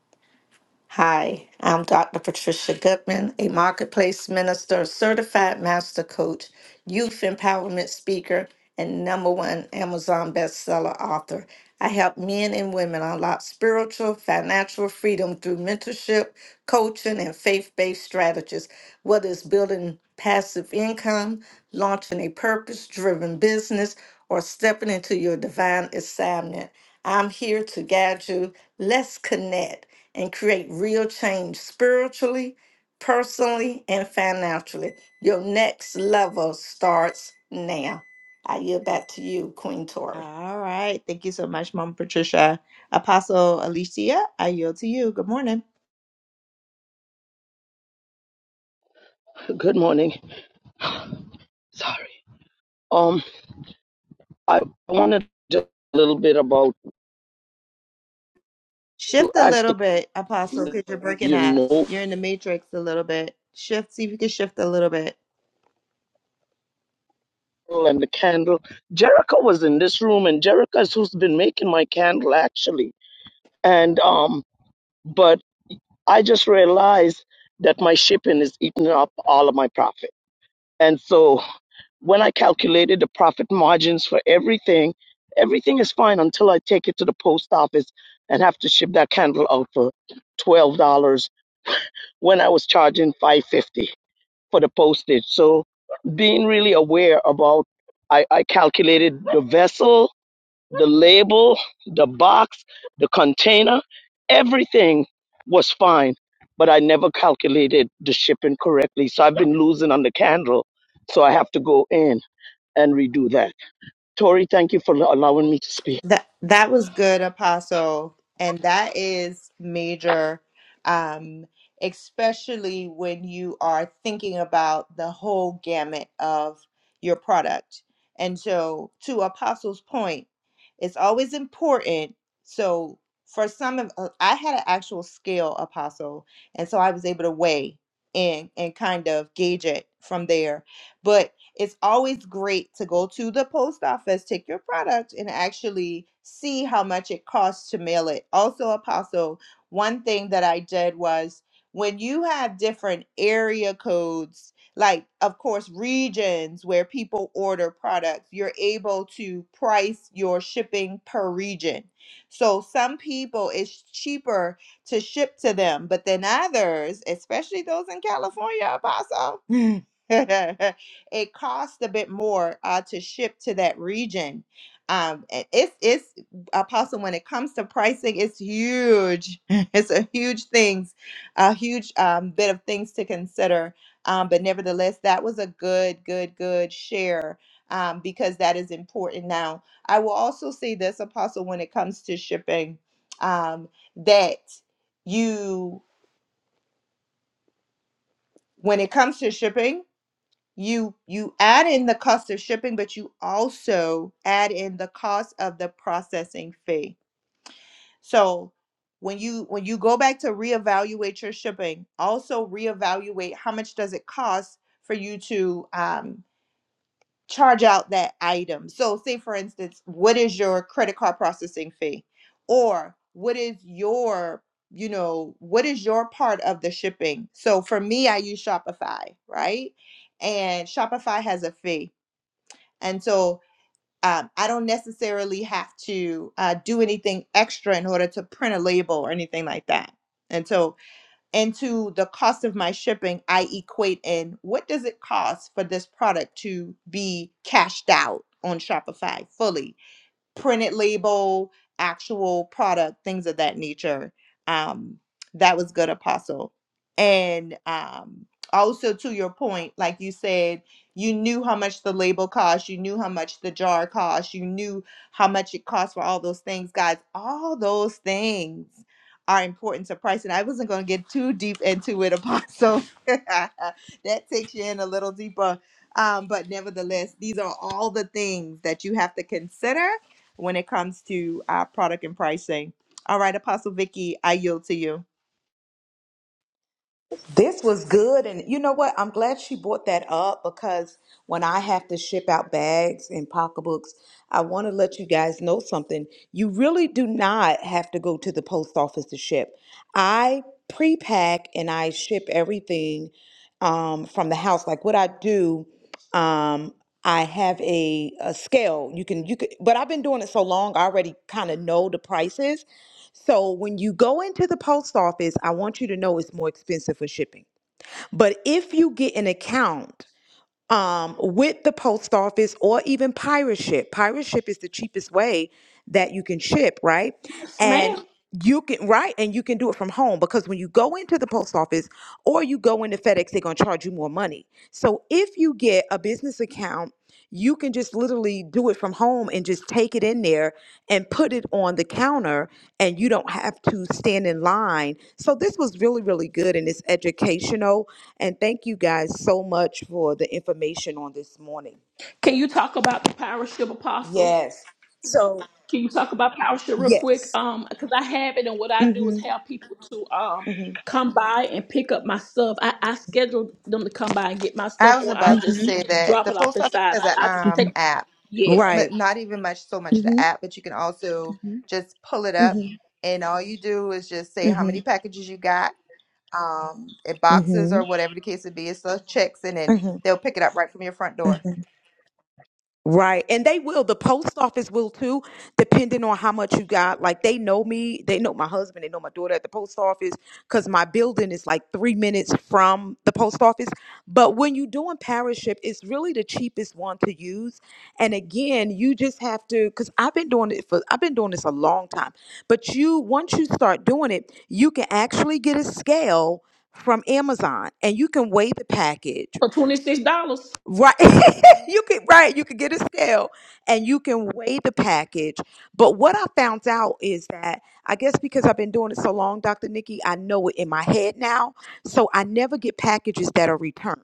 S5: Hi, I'm Dr. Patricia Goodman, a marketplace minister, certified master coach, youth empowerment speaker, and number one Amazon bestseller author. I help men and women unlock spiritual, financial freedom through mentorship, coaching, and faith based strategies, whether it's building passive income, launching a purpose driven business, or stepping into your divine assignment. I'm here to guide you. Let's connect and create real change spiritually, personally, and financially. Your next level starts now. I yield back to you, Queen Tori.
S1: All right. Thank you so much, Mom Patricia. Apostle Alicia, I yield to you. Good morning.
S3: Good morning. Sorry. Um, I wanted just a little bit about you
S1: Shift a
S3: ask
S1: little
S3: the
S1: bit, Apostle, because you're breaking
S3: you
S1: up.
S3: know
S1: You're in the matrix a little bit. Shift, see if you can shift a little bit.
S3: and the candle jericho was in this room and jericho is who's been making my candle actually and um but i just realized that my shipping is eating up all of my profit and so when i calculated the profit margins for everything everything is fine until i take it to the post office and have to ship that candle out for $12 when i was charging 550 for the postage. So being really aware about, I, I calculated the vessel, the label, the box, the container, everything was fine, but I never calculated the shipping correctly. So I've been losing on the candle. So I have to go in and redo that. Tori, thank you for allowing me to speak.
S1: That that was good, Apostle, and that is major, um, especially when you are thinking about the whole gamut of your product. And so, to Apostle's point, it's always important. So, for some of, uh, I had an actual scale, Apostle, and so I was able to weigh and and kind of gauge it from there. But it's always great to go to the post office, take your product, and actually see how much it costs to mail it. Also, Apostle, one thing that I did was when you have different area codes, like, of course, regions where people order products, you're able to price your shipping per region. So, some people it's cheaper to ship to them, but then others, especially those in California, Apostle. it costs a bit more uh, to ship to that region. Um, a- it's it's apostle when it comes to pricing, it's huge. It's a huge things, a huge um, bit of things to consider. Um, but nevertheless, that was a good, good, good share um, because that is important. Now, I will also say this, apostle, when it comes to shipping, um, that you when it comes to shipping you you add in the cost of shipping but you also add in the cost of the processing fee so when you when you go back to reevaluate your shipping also reevaluate how much does it cost for you to um, charge out that item so say for instance what is your credit card processing fee or what is your you know what is your part of the shipping so for me i use shopify right and shopify has a fee and so um, I don't necessarily have to uh, do anything extra in order to print a label or anything like that. And so into the cost of my shipping, I equate in what does it cost for this product to be cashed out on Shopify fully? printed label, actual product, things of that nature. Um, that was good, Apostle. And um, also to your point, like you said, you knew how much the label cost, you knew how much the jar cost, you knew how much it cost for all those things, guys. All those things are important to price. And I wasn't going to get too deep into it, Apostle. that takes you in a little deeper. Um, but nevertheless, these are all the things that you have to consider when it comes to uh, product and pricing. All right, Apostle Vicky, I yield to you.
S4: This was good. And you know what? I'm glad she brought that up because when I have to ship out bags and pocketbooks, I want to let you guys know something. You really do not have to go to the post office to ship. I pre-pack and I ship everything um, from the house. Like what I do, um, I have a, a scale. You can you could, but I've been doing it so long, I already kind of know the prices. So when you go into the post office, I want you to know it's more expensive for shipping. But if you get an account um, with the post office or even pirate ship. Pirate ship is the cheapest way that you can ship, right? And
S2: Ma'am,
S4: you can right, and you can do it from home because when you go into the post office or you go into FedEx, they're gonna charge you more money. So if you get a business account, you can just literally do it from home and just take it in there and put it on the counter, and you don't have to stand in line. So this was really, really good, and it's educational and thank you guys so much for the information on this morning.
S2: can you talk about the power ship apostle?
S4: Yes. So,
S2: Can you talk about power ship real quick?
S4: Yes.
S2: Um, because I have it, and what I do is
S4: Mm-hmm.
S2: have people to um
S4: Mm-hmm.
S2: come by and pick up my stuff. I, I schedule them to come by and get my
S1: I
S2: stuff,
S1: was
S2: or I'll
S1: about to
S2: just
S4: Mm-hmm.
S1: say that
S2: drop
S1: the
S2: it off
S1: post office
S2: inside.
S1: has an
S2: I just
S4: Mm-hmm.
S1: um
S2: take
S1: app,
S2: yeah
S1: but
S4: Right.
S1: not even much so much the
S4: Mm-hmm.
S1: app, but you can also
S4: Mm-hmm.
S1: just pull it up,
S4: Mm-hmm.
S1: and all you do is just say how
S4: Mm-hmm.
S1: many packages you got, um, in boxes or
S4: Mm-hmm.
S1: whatever the case would be. It's those checks, and then they'll pick it up right from your front
S4: Mm-hmm.
S1: door.
S4: Right. And they will. The post office will too, depending on how much you got. Like they know me. They know my husband. They know my daughter at the post office because my building is like three minutes from the post office. But when you're doing parachip, it's really the cheapest one to use. And again, you just have to because I've been doing it for I've been doing this a long time. But you once you start doing it, you can actually get a scale from Amazon and you can weigh the package
S2: for twenty six dollars.
S4: Right. you could right, you could get a scale and you can weigh the package. But what I found out is that I guess because I've been doing it so long, Dr. Nikki, I know it in my head now. So I never get packages that are returned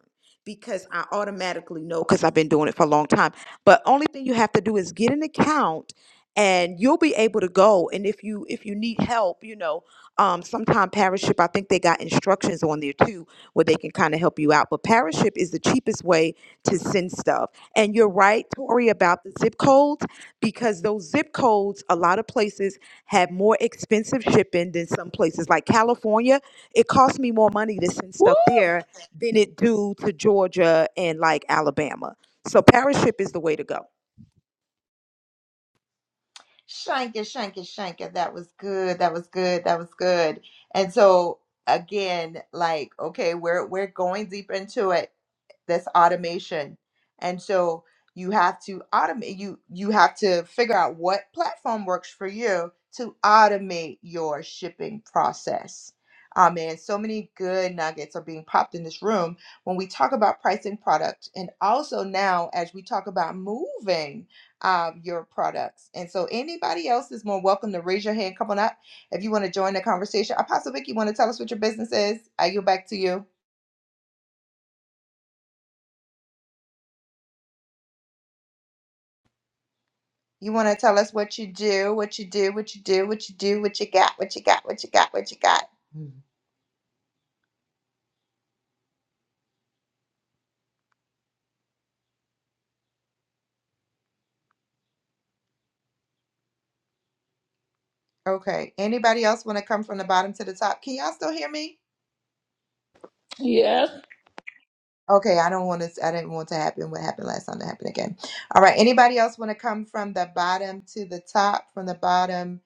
S4: because I automatically know because I've been doing it for a long time. But only thing you have to do is get an account and you'll be able to go and if you if you need help you know um sometime parachip i think they got instructions on there too where they can kind of help you out but parachip is the cheapest way to send stuff. And you're right, Tori, about the zip codes because those zip codes, a lot of places have more expensive shipping than some places. Like California, it costs me more money to send
S2: Woo!
S4: stuff there than it do to Georgia and like Alabama. So parachip is the way to go.
S1: Shanka, Shanka, Shanka. That was good. That was good. That was good. And so again, like, okay, we're we're going deep into it. This automation. And so you have to automate you you have to figure out what platform works for you to automate your shipping process. Um, and so many good nuggets are being popped in this room when we talk about pricing product and also now as we talk about moving um, your products. And so anybody else is more welcome to raise your hand. Come on up if you want to join the conversation. Apostle Vic, you want to tell us what your business is? I go back to you. You want to tell us what you do, what you do, what you do, what you do, what you got, what you got, what you got, what you got. Mhm. Okay. Anybody else want to come from the bottom to the top? Can y'all still hear me?
S2: Yes,
S1: Okay, I don't want to. I didn't want to happen what happened last time to happen again. All right. Anybody else want to come from the bottom to the top? From the bottom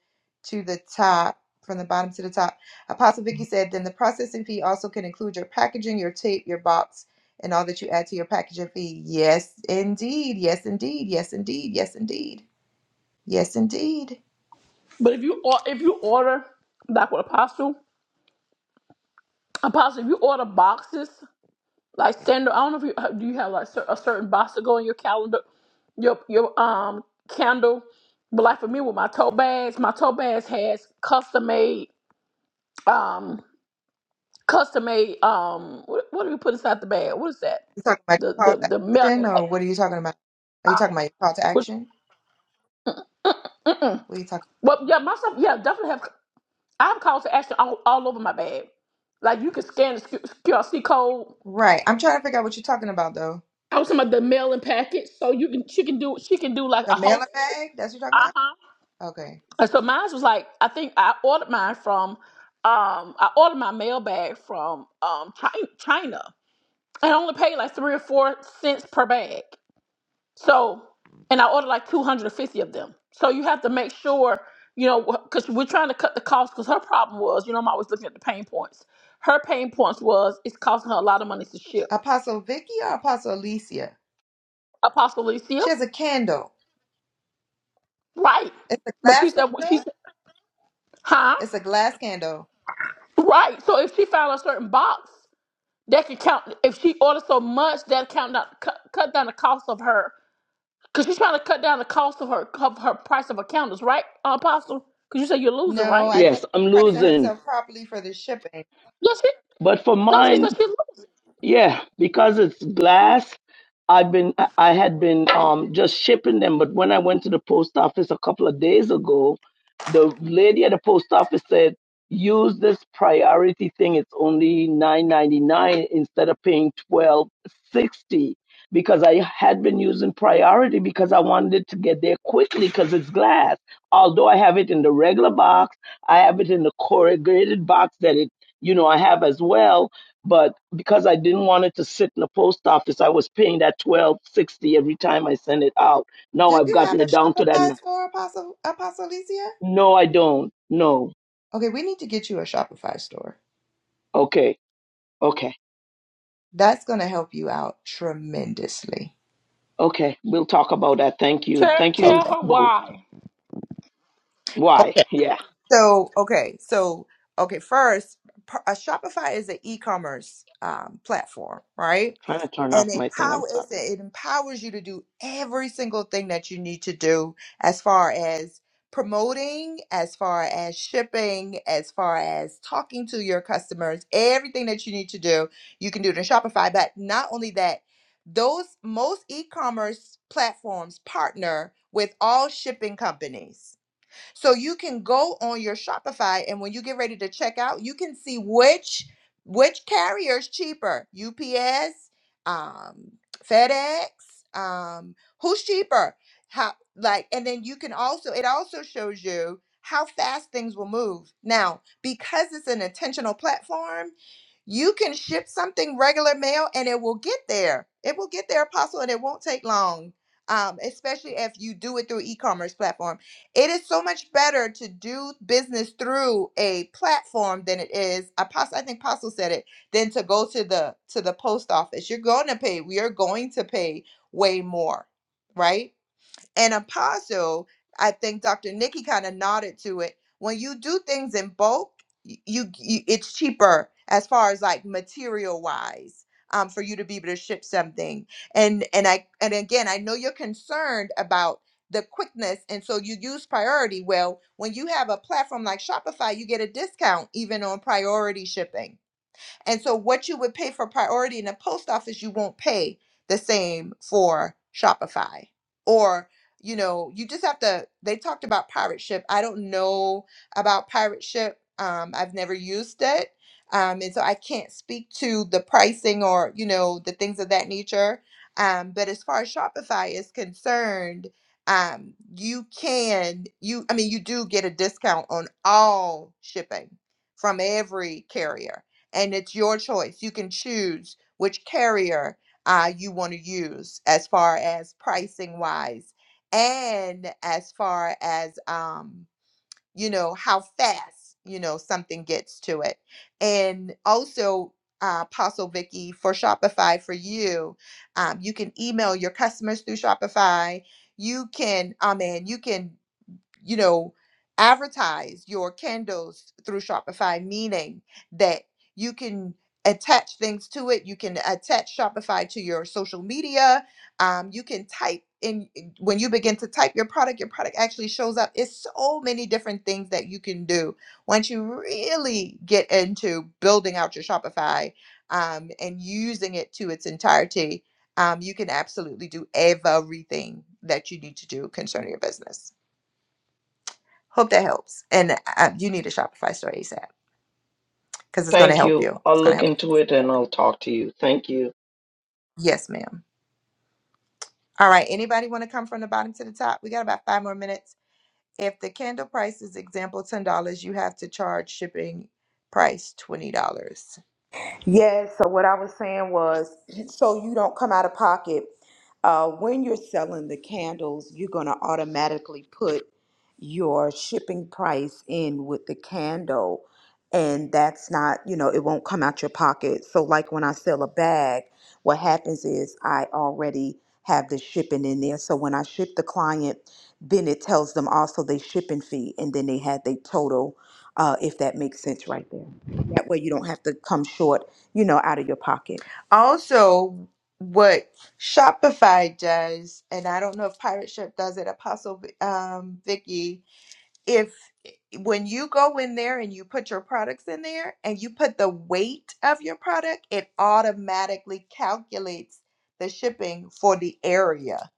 S1: to the top. From the bottom to the top. Apostle Vicky said, then the processing fee also can include your packaging, your tape, your box, and all that you add to your packaging fee. Yes, indeed. Yes, indeed. Yes, indeed. Yes, indeed. Yes, indeed.
S2: but if you or if you order like with apostle, apostle, if you order boxes. Like standard, I don't know if you uh, do you have like cer- a certain box to go in your calendar, your your um candle. But like for me with my tote bags, my tote bags has custom made um custom made um what, what do you put inside the bag? What is that?
S1: You talking about
S2: The
S1: your call
S2: the
S1: to
S2: the melon.
S1: action,
S2: Like,
S1: or what are you talking about? Are you talking about your call to
S2: which,
S1: action? What are you talking?
S2: well, yeah, my stuff. Yeah, definitely have. I have calls to action all, all over my bag. Like you can scan the Q- QRC code.
S1: Right. I'm trying to figure out what you're talking about though.
S2: I was talking about the mailing packet, so you can she can do she can do like
S1: The
S2: a whole. Uh
S1: mailer bag? That's what you're talking
S2: huh.
S1: about? Okay.
S2: And so mine was like, I think I ordered mine from, um, I ordered my mail bag from um Chi- China, and I only paid like three or four cents per bag. So, and I ordered like two hundred and fifty of them. So you have to make sure, you know, because we're trying to cut the cost. Because her problem was, you know, I'm always looking at the pain points. Her pain points was it's costing her a lot of money to ship.
S1: Apostle Vicky or Apostle Alicia?
S2: Apostle Alicia,
S1: She has a candle.
S2: right?
S1: It's a
S2: But
S1: glass
S2: she said, she
S1: candle?
S2: said, huh?
S1: It's a glass candle.
S2: Right. So if she found a certain box. That could count if she orders so much that count down cut, cut down the cost of her because she's trying to cut down the cost of her of her price of her candles, right, uh, Apostle? Because you said you're losing,
S1: No,
S2: right?
S1: I think
S3: Yes, I'm
S1: she's pricing
S3: losing.
S1: herself properly for the shipping.
S2: No, she
S3: But for
S2: no, she
S3: mine,
S2: said she's losing.
S3: Yeah, because it's glass. I've been I I had been um just shipping them, but when I went to the post office a couple of days ago, the lady at the post office said use this priority thing. It's only nine ninety nine instead of paying twelve sixty because I had been using priority because I wanted it to get there quickly because it's glass. Although I have it in the regular box, I have it in the corrugated box that it you know I have as well but because I didn't want it to sit in the post office, I was paying that twelve sixty every time I sent it out. Now
S1: Do
S3: I've
S1: you have
S3: gotten
S1: a
S3: it down to that.
S1: Shopify
S3: n-
S1: store, Apostle Apostle Alicia?
S3: No, I don't. No.
S1: Okay, we need to get you a Shopify store.
S3: Okay. Okay.
S1: That's gonna help you out tremendously.
S3: Okay. We'll talk about that. Thank you.
S2: Tell,
S3: Thank you
S2: tell
S1: Okay.
S2: her
S3: both.
S2: why.
S1: Okay.
S3: Why? Yeah.
S1: So, okay, so okay, first, p- a Shopify is an e-commerce um, platform, right?
S3: Trying to turn off
S1: And it
S3: my thing.
S1: power
S3: I'm
S1: it
S3: sorry.
S1: it empowers you to do every single thing that you need to do as far as promoting, as far as shipping, as far as talking to your customers, everything that you need to do, you can do it in Shopify. But not only that, those most e-commerce platforms partner with all shipping companies. So you can go on your Shopify and when you get ready to check out, you can see which which carrier is cheaper. UPS, um, FedEx, um, who's cheaper? How like and then you can also it also shows you how fast things will move. Now, because it's an intentional platform, you can ship something regular mail and it will get there. It will get there, Apostle, and it won't take long. Um, especially if you do it through e-commerce platforms. It is so much better to do business through a platform than it is. Apostle, I think Apostle said it. Than to go to the to the post office. You're going to pay. We are going to pay way more, right? And apostle, I think Dr. Nikki kind of nodded to it. When you do things in bulk, y- you, you it's cheaper as far as like material wise um, for you to be able to ship something. And and I and again, I know you're concerned about the quickness and so you use priority well when you have a platform like shopify you get a discount even on priority shipping and so what you would pay for priority in the post office, you won't pay the same for Shopify. Or, you know, you just have to they talked about pirate ship. I don't know about pirate ship. Um, I've never used it. Um, and so I can't speak to the pricing or, you know, the things of that nature. Um, but as far as Shopify is concerned, um, you can you I mean you do get a discount on all shipping from every carrier and it's your choice. You can choose which carrier uh, you want to use as far as pricing wise and as far as um, you know how fast you know something gets to it and also uh, apostle vicky for shopify for you um, you can email your customers through shopify you can oh man you can you know, advertise your candles through Shopify, meaning that you can attach things to it. You can attach Shopify to your social media. Um, you can type in when you begin to type your product, your product actually shows up. It's so many different things that you can do once you really get into building out your Shopify um, and using it to its entirety. Um, you can absolutely do everything that you need to do concerning your business. Hope that helps. And uh, you need a Shopify store ASAP because it's going to
S3: Thank
S1: help
S3: you.
S1: you. It's
S3: I'll
S1: going to
S3: look
S1: help.
S3: into it and I'll talk to you. Thank you.
S1: Yes, ma'am. All right. Anybody want to come from the bottom to the top? We got about five more minutes. If the candle price is example ten dollars, you have to charge shipping price twenty dollars.
S4: Yes. So what I was saying was, so you don't come out of pocket. Uh, when you're selling the candles, you're going to automatically put your shipping price in with the candle. And that's not, you know, it won't come out your pocket. So, like when I sell a bag, what happens is I already have the shipping in there. So, when I ship the client, then it tells them also they shipping fee and then they had their total, uh, if that makes sense right there. That way, you don't have to come short you know, out of your pocket.
S1: Also, what Shopify does, and I don't know if Pirate Ship does it. Apostle um, Vicky if eh, when you go in there and you put your products in there and you put the weight of your product, it automatically calculates the shipping for the area.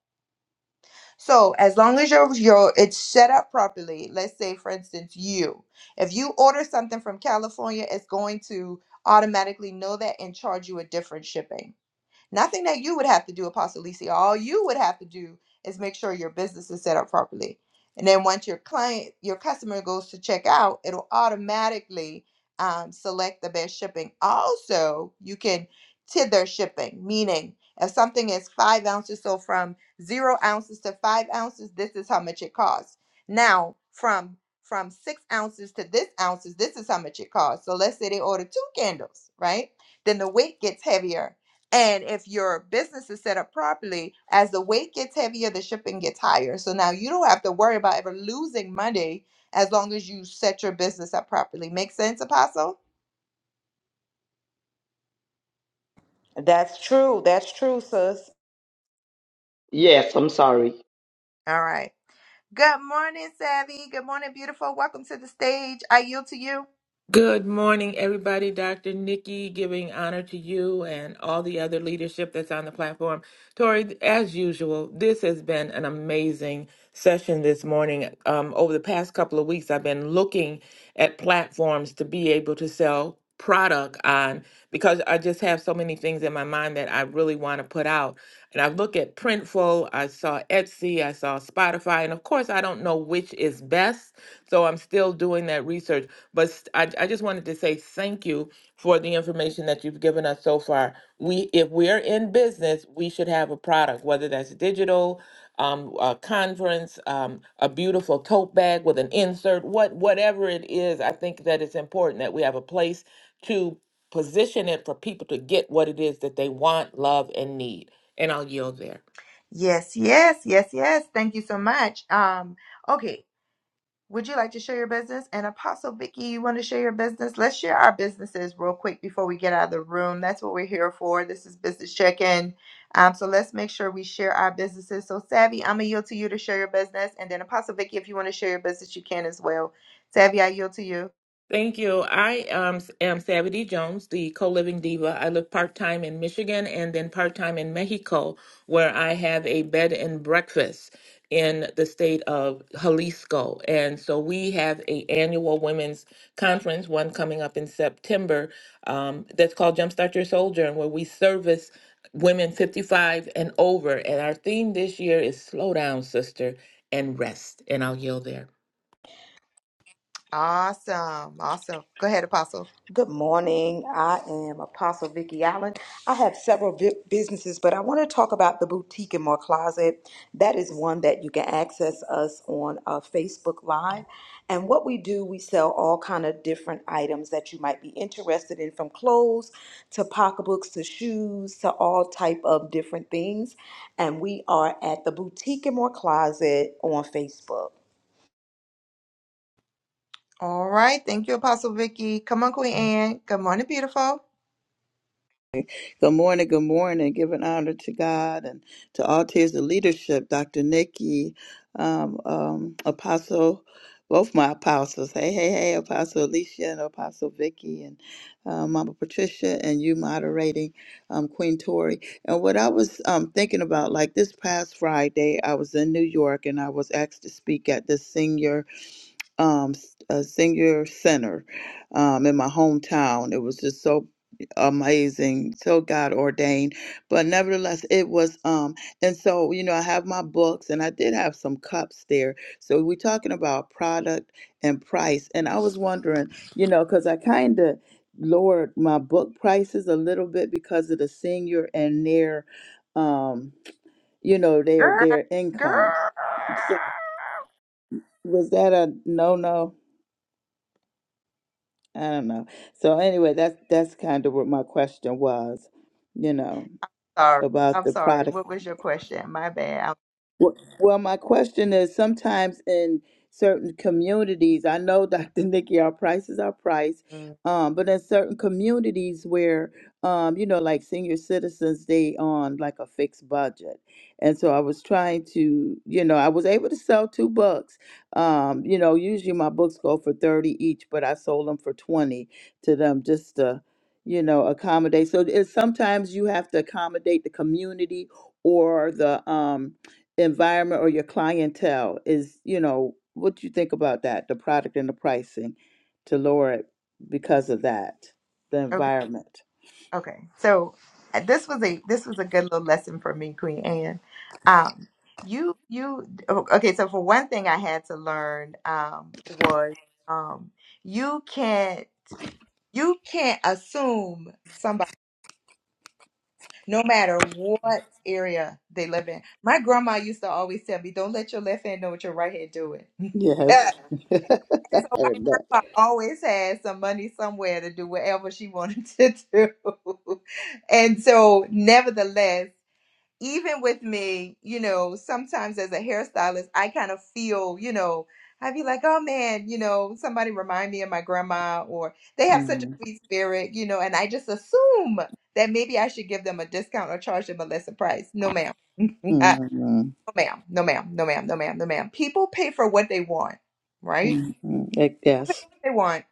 S1: So as long as your your it's set up properly, let's say for instance you, if you order something from California, it's going to automatically know that and charge you a different shipping. Nothing that you would have to do, Apostle Lisi. All you would have to do is make sure your business is set up properly. And then once your client, your customer goes to check out, it'll automatically um, select the best shipping. Also, you can tether shipping, meaning if something is five ounces, so from zero ounces to five ounces, this is how much it costs. Now, from from six ounces to this ounces, this is how much it costs. So let's say they order two candles, right? Then the weight gets heavier and if your business is set up properly, as the weight gets heavier, the shipping gets higher. So now you don't have to worry about ever losing money as long as you set your business up properly. Make sense, Apostle?
S4: That's true. That's true, sis.
S3: Yes, I'm sorry.
S1: All right. Good morning, Savvy. Good morning, beautiful. Welcome to the stage. I yield to you.
S6: Good morning, everybody. Dr. Nikki, giving honor to you and all the other leadership that's on the platform. Tori, as usual, this has been an amazing session this morning. Um, over the past couple of weeks, I've been looking at platforms to be able to sell product on because I just have so many things in my mind that I really want to put out. And I look at Printful, I saw Etsy, I saw Spotify, and of course, I don't know which is best. So I'm still doing that research but st- I I just wanted to say thank you for the information that you've given us so far. We, if we're in business, we should have a product, whether that's digital, um, a conference, um, a beautiful tote bag with an insert, what whatever it is. I think that it's important that we have a place to position it for people to get what it is that they want, love, and need. And I'll yield there.
S1: Yes, yes, yes, yes. Thank you so much. Um, okay. Would you like to share your business? And Apostle Vicky, you want to share your business? Let's share our businesses real quick before we get out of the room. That's what we're here for. This is business check-in. Um, so let's make sure we share our businesses. So Savvy, I'm gonna yield to you to share your business, and then Apostle Vicky, if you want to share your business, you can as well. Savvy, I yield to you.
S6: Thank you. I um, s- am Savity Jones, the co living diva. I live part time in Michigan and then part time in Mexico, where I have a bed and breakfast in the state of Jalisco. And so we have a annual women's conference, one coming up in September, um, that's called Jumpstart Your Soldier, and where we service women 55 and over. And our theme this year is Slow Down, Sister, and Rest. And I'll yield there.
S1: Awesome, awesome. Go ahead, Apostle.
S4: Good morning. I am Apostle Vicki Allen. I have several vi- businesses, but I want to talk about the boutique in my closet. That is one that you can access us on uh, Facebook Live. And what we do, we sell all kind of different items that you might be interested in, from clothes to pocketbooks to shoes to all type of different things. And we are at the boutique in my closet on Facebook.
S1: All right, thank you, Apostle Vicky. Come on, Queen Anne. Good morning, beautiful
S7: Good morning, good morning. Giving honor to God and to all tiers of leadership, Dr. Nikki, um, um, Apostle, both my apostles. Hey, hey, hey, Apostle Alicia and Apostle Vicky and uh, Mama Patricia and you moderating um, Queen Tori. And what I was um, thinking about, like this past Friday, I was in New York and I was asked to speak at the senior um, s- a senior center um, in my hometown. It was just so amazing, so God ordained. But nevertheless, it was. Um, and so, you know, I have my books and I did have some cups there. So we're talking about product and price. And I was wondering, you know, because I kind of lowered my book prices a little bit because of the senior and their um you know their
S1: girl.
S7: their income
S1: Girl.
S7: so was that a no no I don't know. So anyway, that's that's kind of what my question was, you know,
S1: Sorry,
S7: about
S1: I'm
S7: the
S1: sorry.
S7: product
S1: What was your question? My bad.
S7: well, well, my question is sometimes in certain communities, I know, Dr. Nikki, our prices are priced, um, but in certain communities where, um, you know, like senior citizens, they on like a fixed budget. And so I was trying to, you know, I was able to sell two books. Um, you know, usually my books go for 30 each, but I sold them for 20 to them just to, you know, accommodate. So it's sometimes you have to accommodate the community or the, um, the environment or your clientele is you know what do you think about that the product and the pricing to lower it because of that the
S1: Okay,
S7: environment
S1: okay. So uh, this was a this was a good little lesson for me, Queen Anne. Um, you you o- okay? So for one thing, I had to learn um, was um, you can't you can't assume somebody no matter what area they live in. My grandma used to always tell me, "Don't let your left hand know what your right hand doing."
S7: yes I
S1: so my
S7: heard that
S1: grandma always had some money somewhere to do whatever she wanted to do. and so, nevertheless, even with me, you know, sometimes as a hairstylist, I kind of feel, you know, I'd be like, oh man, you know, somebody remind me of my grandma, or they have such a
S7: Mhm.
S1: sweet spirit, you know, and I just assume that maybe I should give them a discount or charge them a lesser price. No, ma'am. no,
S7: Mhm.
S1: ma'am. No, ma'am. No, ma'am. No, ma'am. No, ma'am. People pay for what they want, right?
S7: Mhm. Like, yes
S1: they want.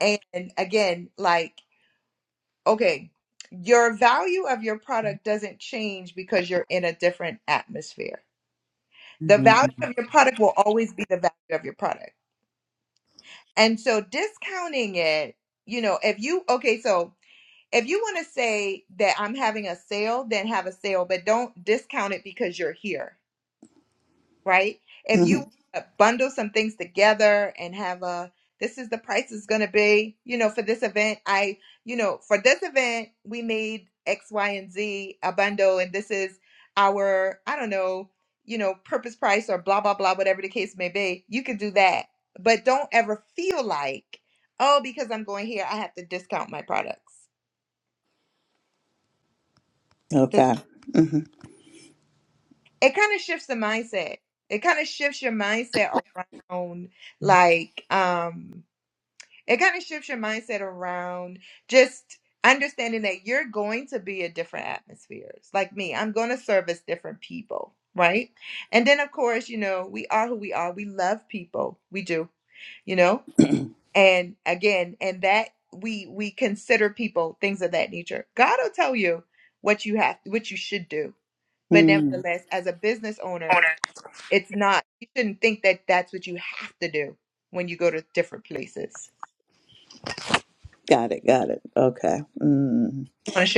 S1: And again, like, okay, your value of your product doesn't change because you're in a different atmosphere. The
S7: Mhm.
S1: value of your product will always be the value of your product. And so discounting it, you know, if you, okay, so if you want to say that I'm having a sale, then have a sale, but don't discount it because you're here right? If you
S7: Mhm.
S1: bundle some things together and have a this is the price is going to be, you know, for this event, I, you know, for this event, we made X, Y, and Z a bundle, and this is our, I don't know, you know, purpose price or blah, blah, blah, whatever the case may be. You can do that. But don't ever feel like, oh, because I'm going here, I have to discount my products. 'Cause
S7: okay Mhm.
S1: It kind of shifts the mindset. It kind of shifts your mindset around, like, um, it kind of shifts your mindset around just understanding that you're going to be in different atmospheres like me i'm going to service different people right and then of course you know we are who we are we love people we do you know and again and that we we consider people things of that nature god will tell you what you have what you should do but
S7: Mm.
S1: nevertheless as a business owner it's not you shouldn't think that that's what you have to do when you go to different places
S7: got it got it okay Mm-hmm.
S1: You want to share.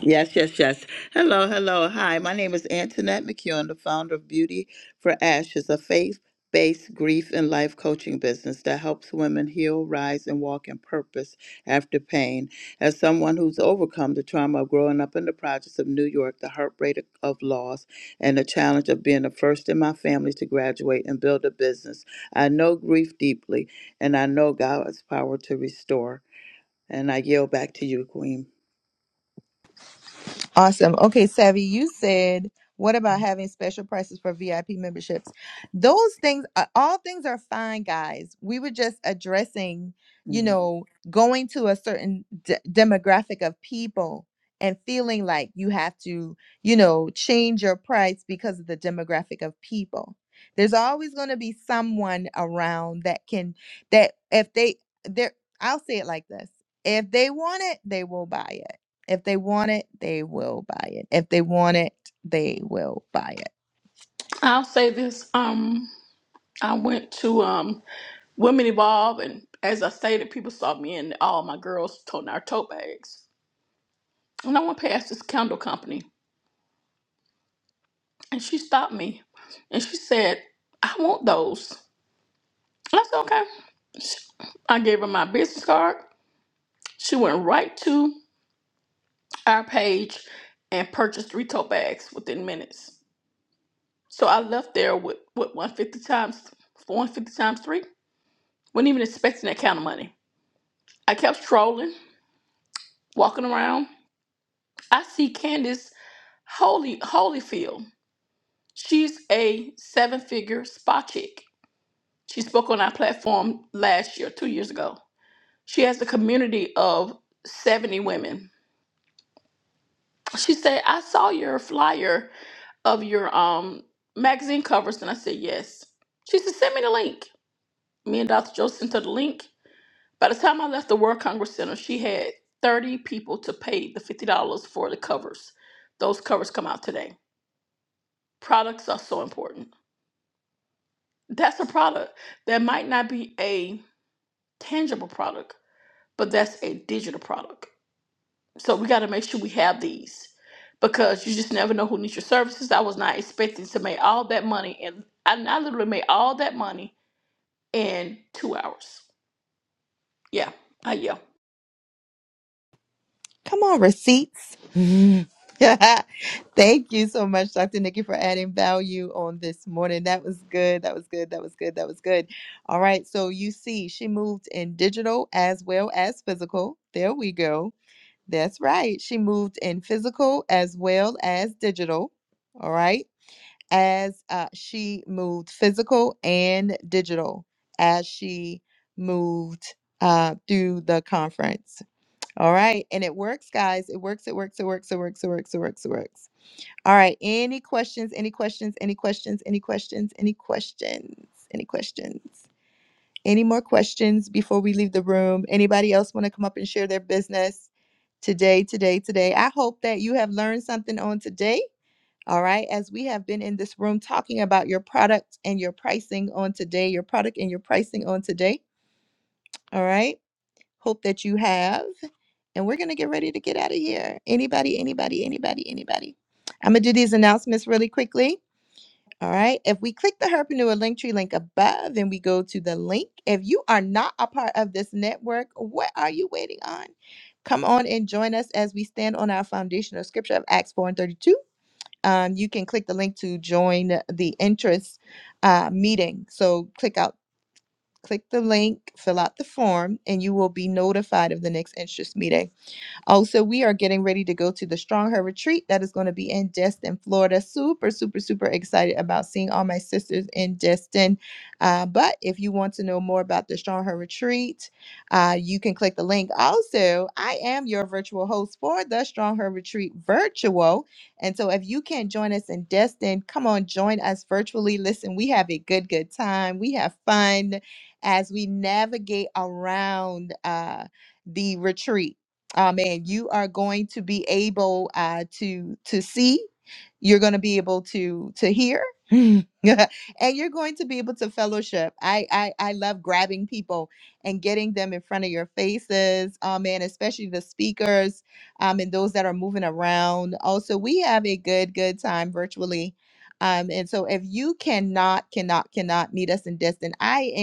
S7: Yes, yes, yes. Hello, hello. Hi, my name is Antoinette McEwen, the founder of Beauty for Ashes, a faith based grief and life coaching business that helps women heal, rise, and walk in purpose after pain. As someone who's overcome the trauma of growing up in the projects of New York, the heartbreak of loss, and the challenge of being the first in my family to graduate and build a business, I know grief deeply, and I know God's power to restore. And I yield back to you, Queen.
S1: Awesome. Okay, Savvy, you said, what about having special prices for VIP memberships? Those things, are, all things are fine, guys. We were just addressing, you
S7: Mm-hmm.
S1: know, going to a certain d- demographic of people and feeling like you have to, you know, change your price because of the demographic of people. There's always going to be someone around that can, that if they, they're, I'll say it like this if they want it, they will buy it if they want it, they will buy it. If they want it, they will buy it.
S2: I'll say this. Um, I went to um Women Evolve, and as I stated, people saw me and all my girls toting our tote bags. And I went past this candle company, and she stopped me, and she said, "I want those." That's okay. I gave her my business card. She went right to our page and purchased three tote bags within minutes. So I left there with what 150 times 150 times three. Wasn't even expecting that kind of money. I kept strolling, walking around. I see Candace Holy Holyfield. She's a seven-figure spa chick. She spoke on our platform last year, two years ago. She has a community of 70 women She said, I saw your flyer of your um magazine covers. And I said, Yes. She said, Send me the link. Me and Dr. Joe sent her the link. By the time I left the World Congress Center, she had 30 people to pay the $50 for the covers. Those covers come out today. Products are so important. That's a product that might not be a tangible product, but that's a digital product So we got to make sure we have these because you just never know who needs your services. I was not expecting to make all that money, and I, I literally made all that money in two hours. Yeah, I yeah.
S1: Come on, receipts. Thank you so much, Dr. Nikki, for adding value on this morning. That was good. That was good. That was good. That was good. All right. So you see, she moved in digital as well as physical. There we go. That's right. She moved in physical as well as digital. All right. As uh, she moved physical and digital as she moved uh, through the conference. All right. And it works, guys. It works. It works. It works. It works. It works. It works. It works. All right. Any questions? Any questions? Any questions? Any questions? Any questions? Any questions? Any more questions before we leave the room? Anybody else want to come up and share their business today, today, today? I hope that you have learned something on today. All right. As we have been in this room talking about your product and your pricing on today, your product and your pricing on today. All right. Hope that you have. And we're going to get ready to get out of here. Anybody, anybody, anybody, anybody. I'm going to do these announcements really quickly. All right. If we click the Herpreneur Linktree link above and we go to the link, if you are not a part of this network, what are you waiting on? Come on and join us as we stand on our foundational scripture of Acts 4 and 32. Um, you can click the link to join the interest uh, meeting. So click out, click the link, fill out the form, and you will be notified of the next interest meeting. Also, we are getting ready to go to the Strong Her retreat that is going to be in Destin, Florida. Super, super, super excited about seeing all my sisters in Destin. Uh, but if you want to know more about the Strong Her retreat, uh, you can click the link. Also, I am your virtual host for the Strong Her retreat virtual. And so if you can join us in Destin, come on, join us virtually. Listen, we have a good, good time. We have fun as we navigate around uh, the retreat. Amen. You are going to be able uh, to to see. You're going to be able to to hear, and you're going to be able to fellowship. I, I I love grabbing people and getting them in front of your faces. Amen. Especially the speakers, um, and those that are moving around. Also, we have a good good time virtually. Um, and so if you cannot, cannot, cannot meet us in Destin, I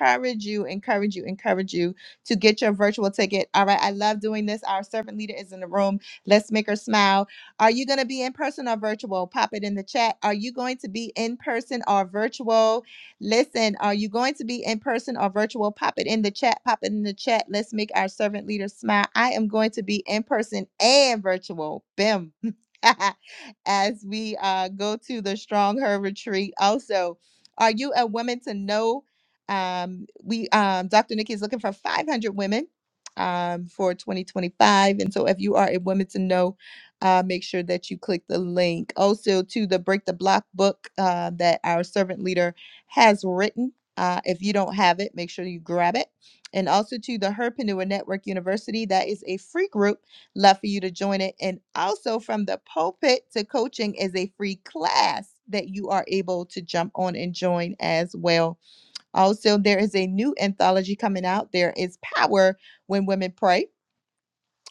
S1: encourage you, encourage you, encourage you to get your virtual ticket. All right. I love doing this. Our servant leader is in the room. Let's make her smile. Are you going to be in person or virtual? Pop it in the chat. Are you going to be in person or virtual? Listen, are you going to be in person or virtual? Pop it in the chat. Pop it in the chat. Let's make our servant leader smile. I am going to be in person and virtual. Bim. As we uh, go to the Strong Her retreat. Also, are you a woman to know? Um, we um, Dr. Nikki is looking for 500 women um, for 2025, and so if you are a woman to know, uh, make sure that you click the link. Also, to the Break the Block book uh, that our servant leader has written. Uh, if you don't have it, make sure you grab it. And also to the Herpreneur Network University, that is a free group. Love for you to join it. And also from the pulpit to coaching is a free class that you are able to jump on and join as well also, there is a new anthology coming out. There is Power When Women Pray.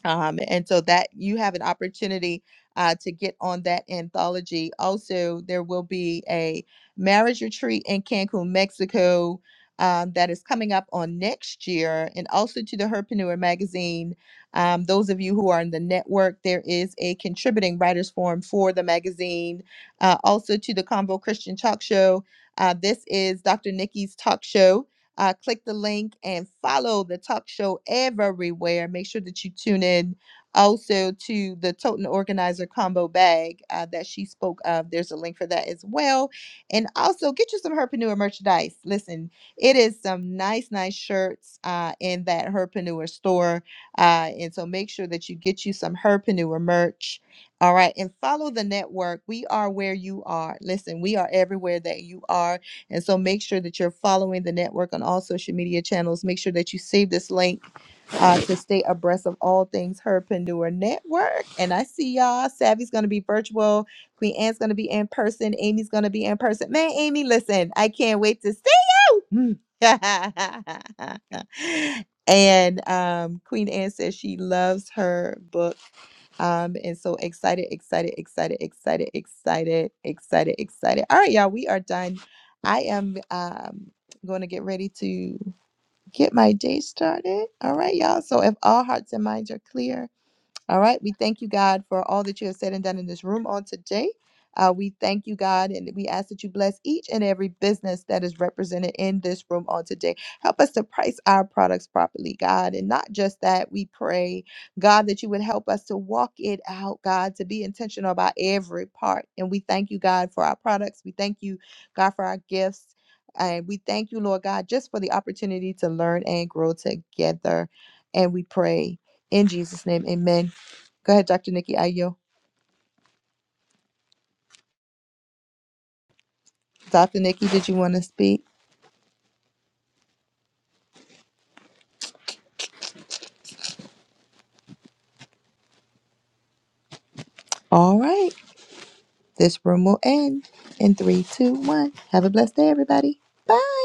S1: Um, and so that you have an opportunity uh, to get on that anthology. Also, there will be a marriage retreat in Cancun, Mexico. Um, that is coming up on next year, and also to the Herpreneur magazine. Um, those of you who are in the network, there is a contributing writers forum for the magazine. Uh, also to the Convo Christian Talk Show. Uh, this is Dr. Nikki's talk show uh, click the link and follow the talk show everywhere. Make sure that you tune in also to the Toten Organizer combo bag uh, that she spoke of. There's a link for that as well. And also get you some Herpreneur merchandise. Listen, it is some nice, nice shirts uh, in that Herpreneur store. Uh, and so make sure that you get you some Herpreneur merch. All right. And follow the network. We are where you are. Listen, we are everywhere that you are and so make sure that you're following the network on all social media channels. Make sure that you save this link uh, to stay abreast of all things Herpreneur Network. And I see y'all. Savvy's going to be virtual. Queen Anne's going to be in person. Amy's going to be in person. Man, Amy, listen, I can't wait to see you. and um, Queen Anne says she loves her book um, and so excited, excited, excited, excited, excited, excited, excited. All right, y'all, we are done. I am um going to get ready to get my day started. All right, y'all. So if all hearts and minds are clear, all right. We thank you, God, for all that you have said and done in this room on today. Uh, we thank you, God, and we ask that you bless each and every business that is represented in this room on today. Help us to price our products properly, God. And not just that, we pray, God, that you would help us to walk it out, God, to be intentional about every part. And we thank you, God, for our products. We thank you, God, for our gifts. And we thank you, Lord God, just for the opportunity to learn and grow together. And we pray in Jesus' name, amen. Go ahead, Dr. Nikki Ayo. Dr. Nikki, did you want to speak? All right. This room will end in three, two, one. Have a blessed day, everybody. Bye.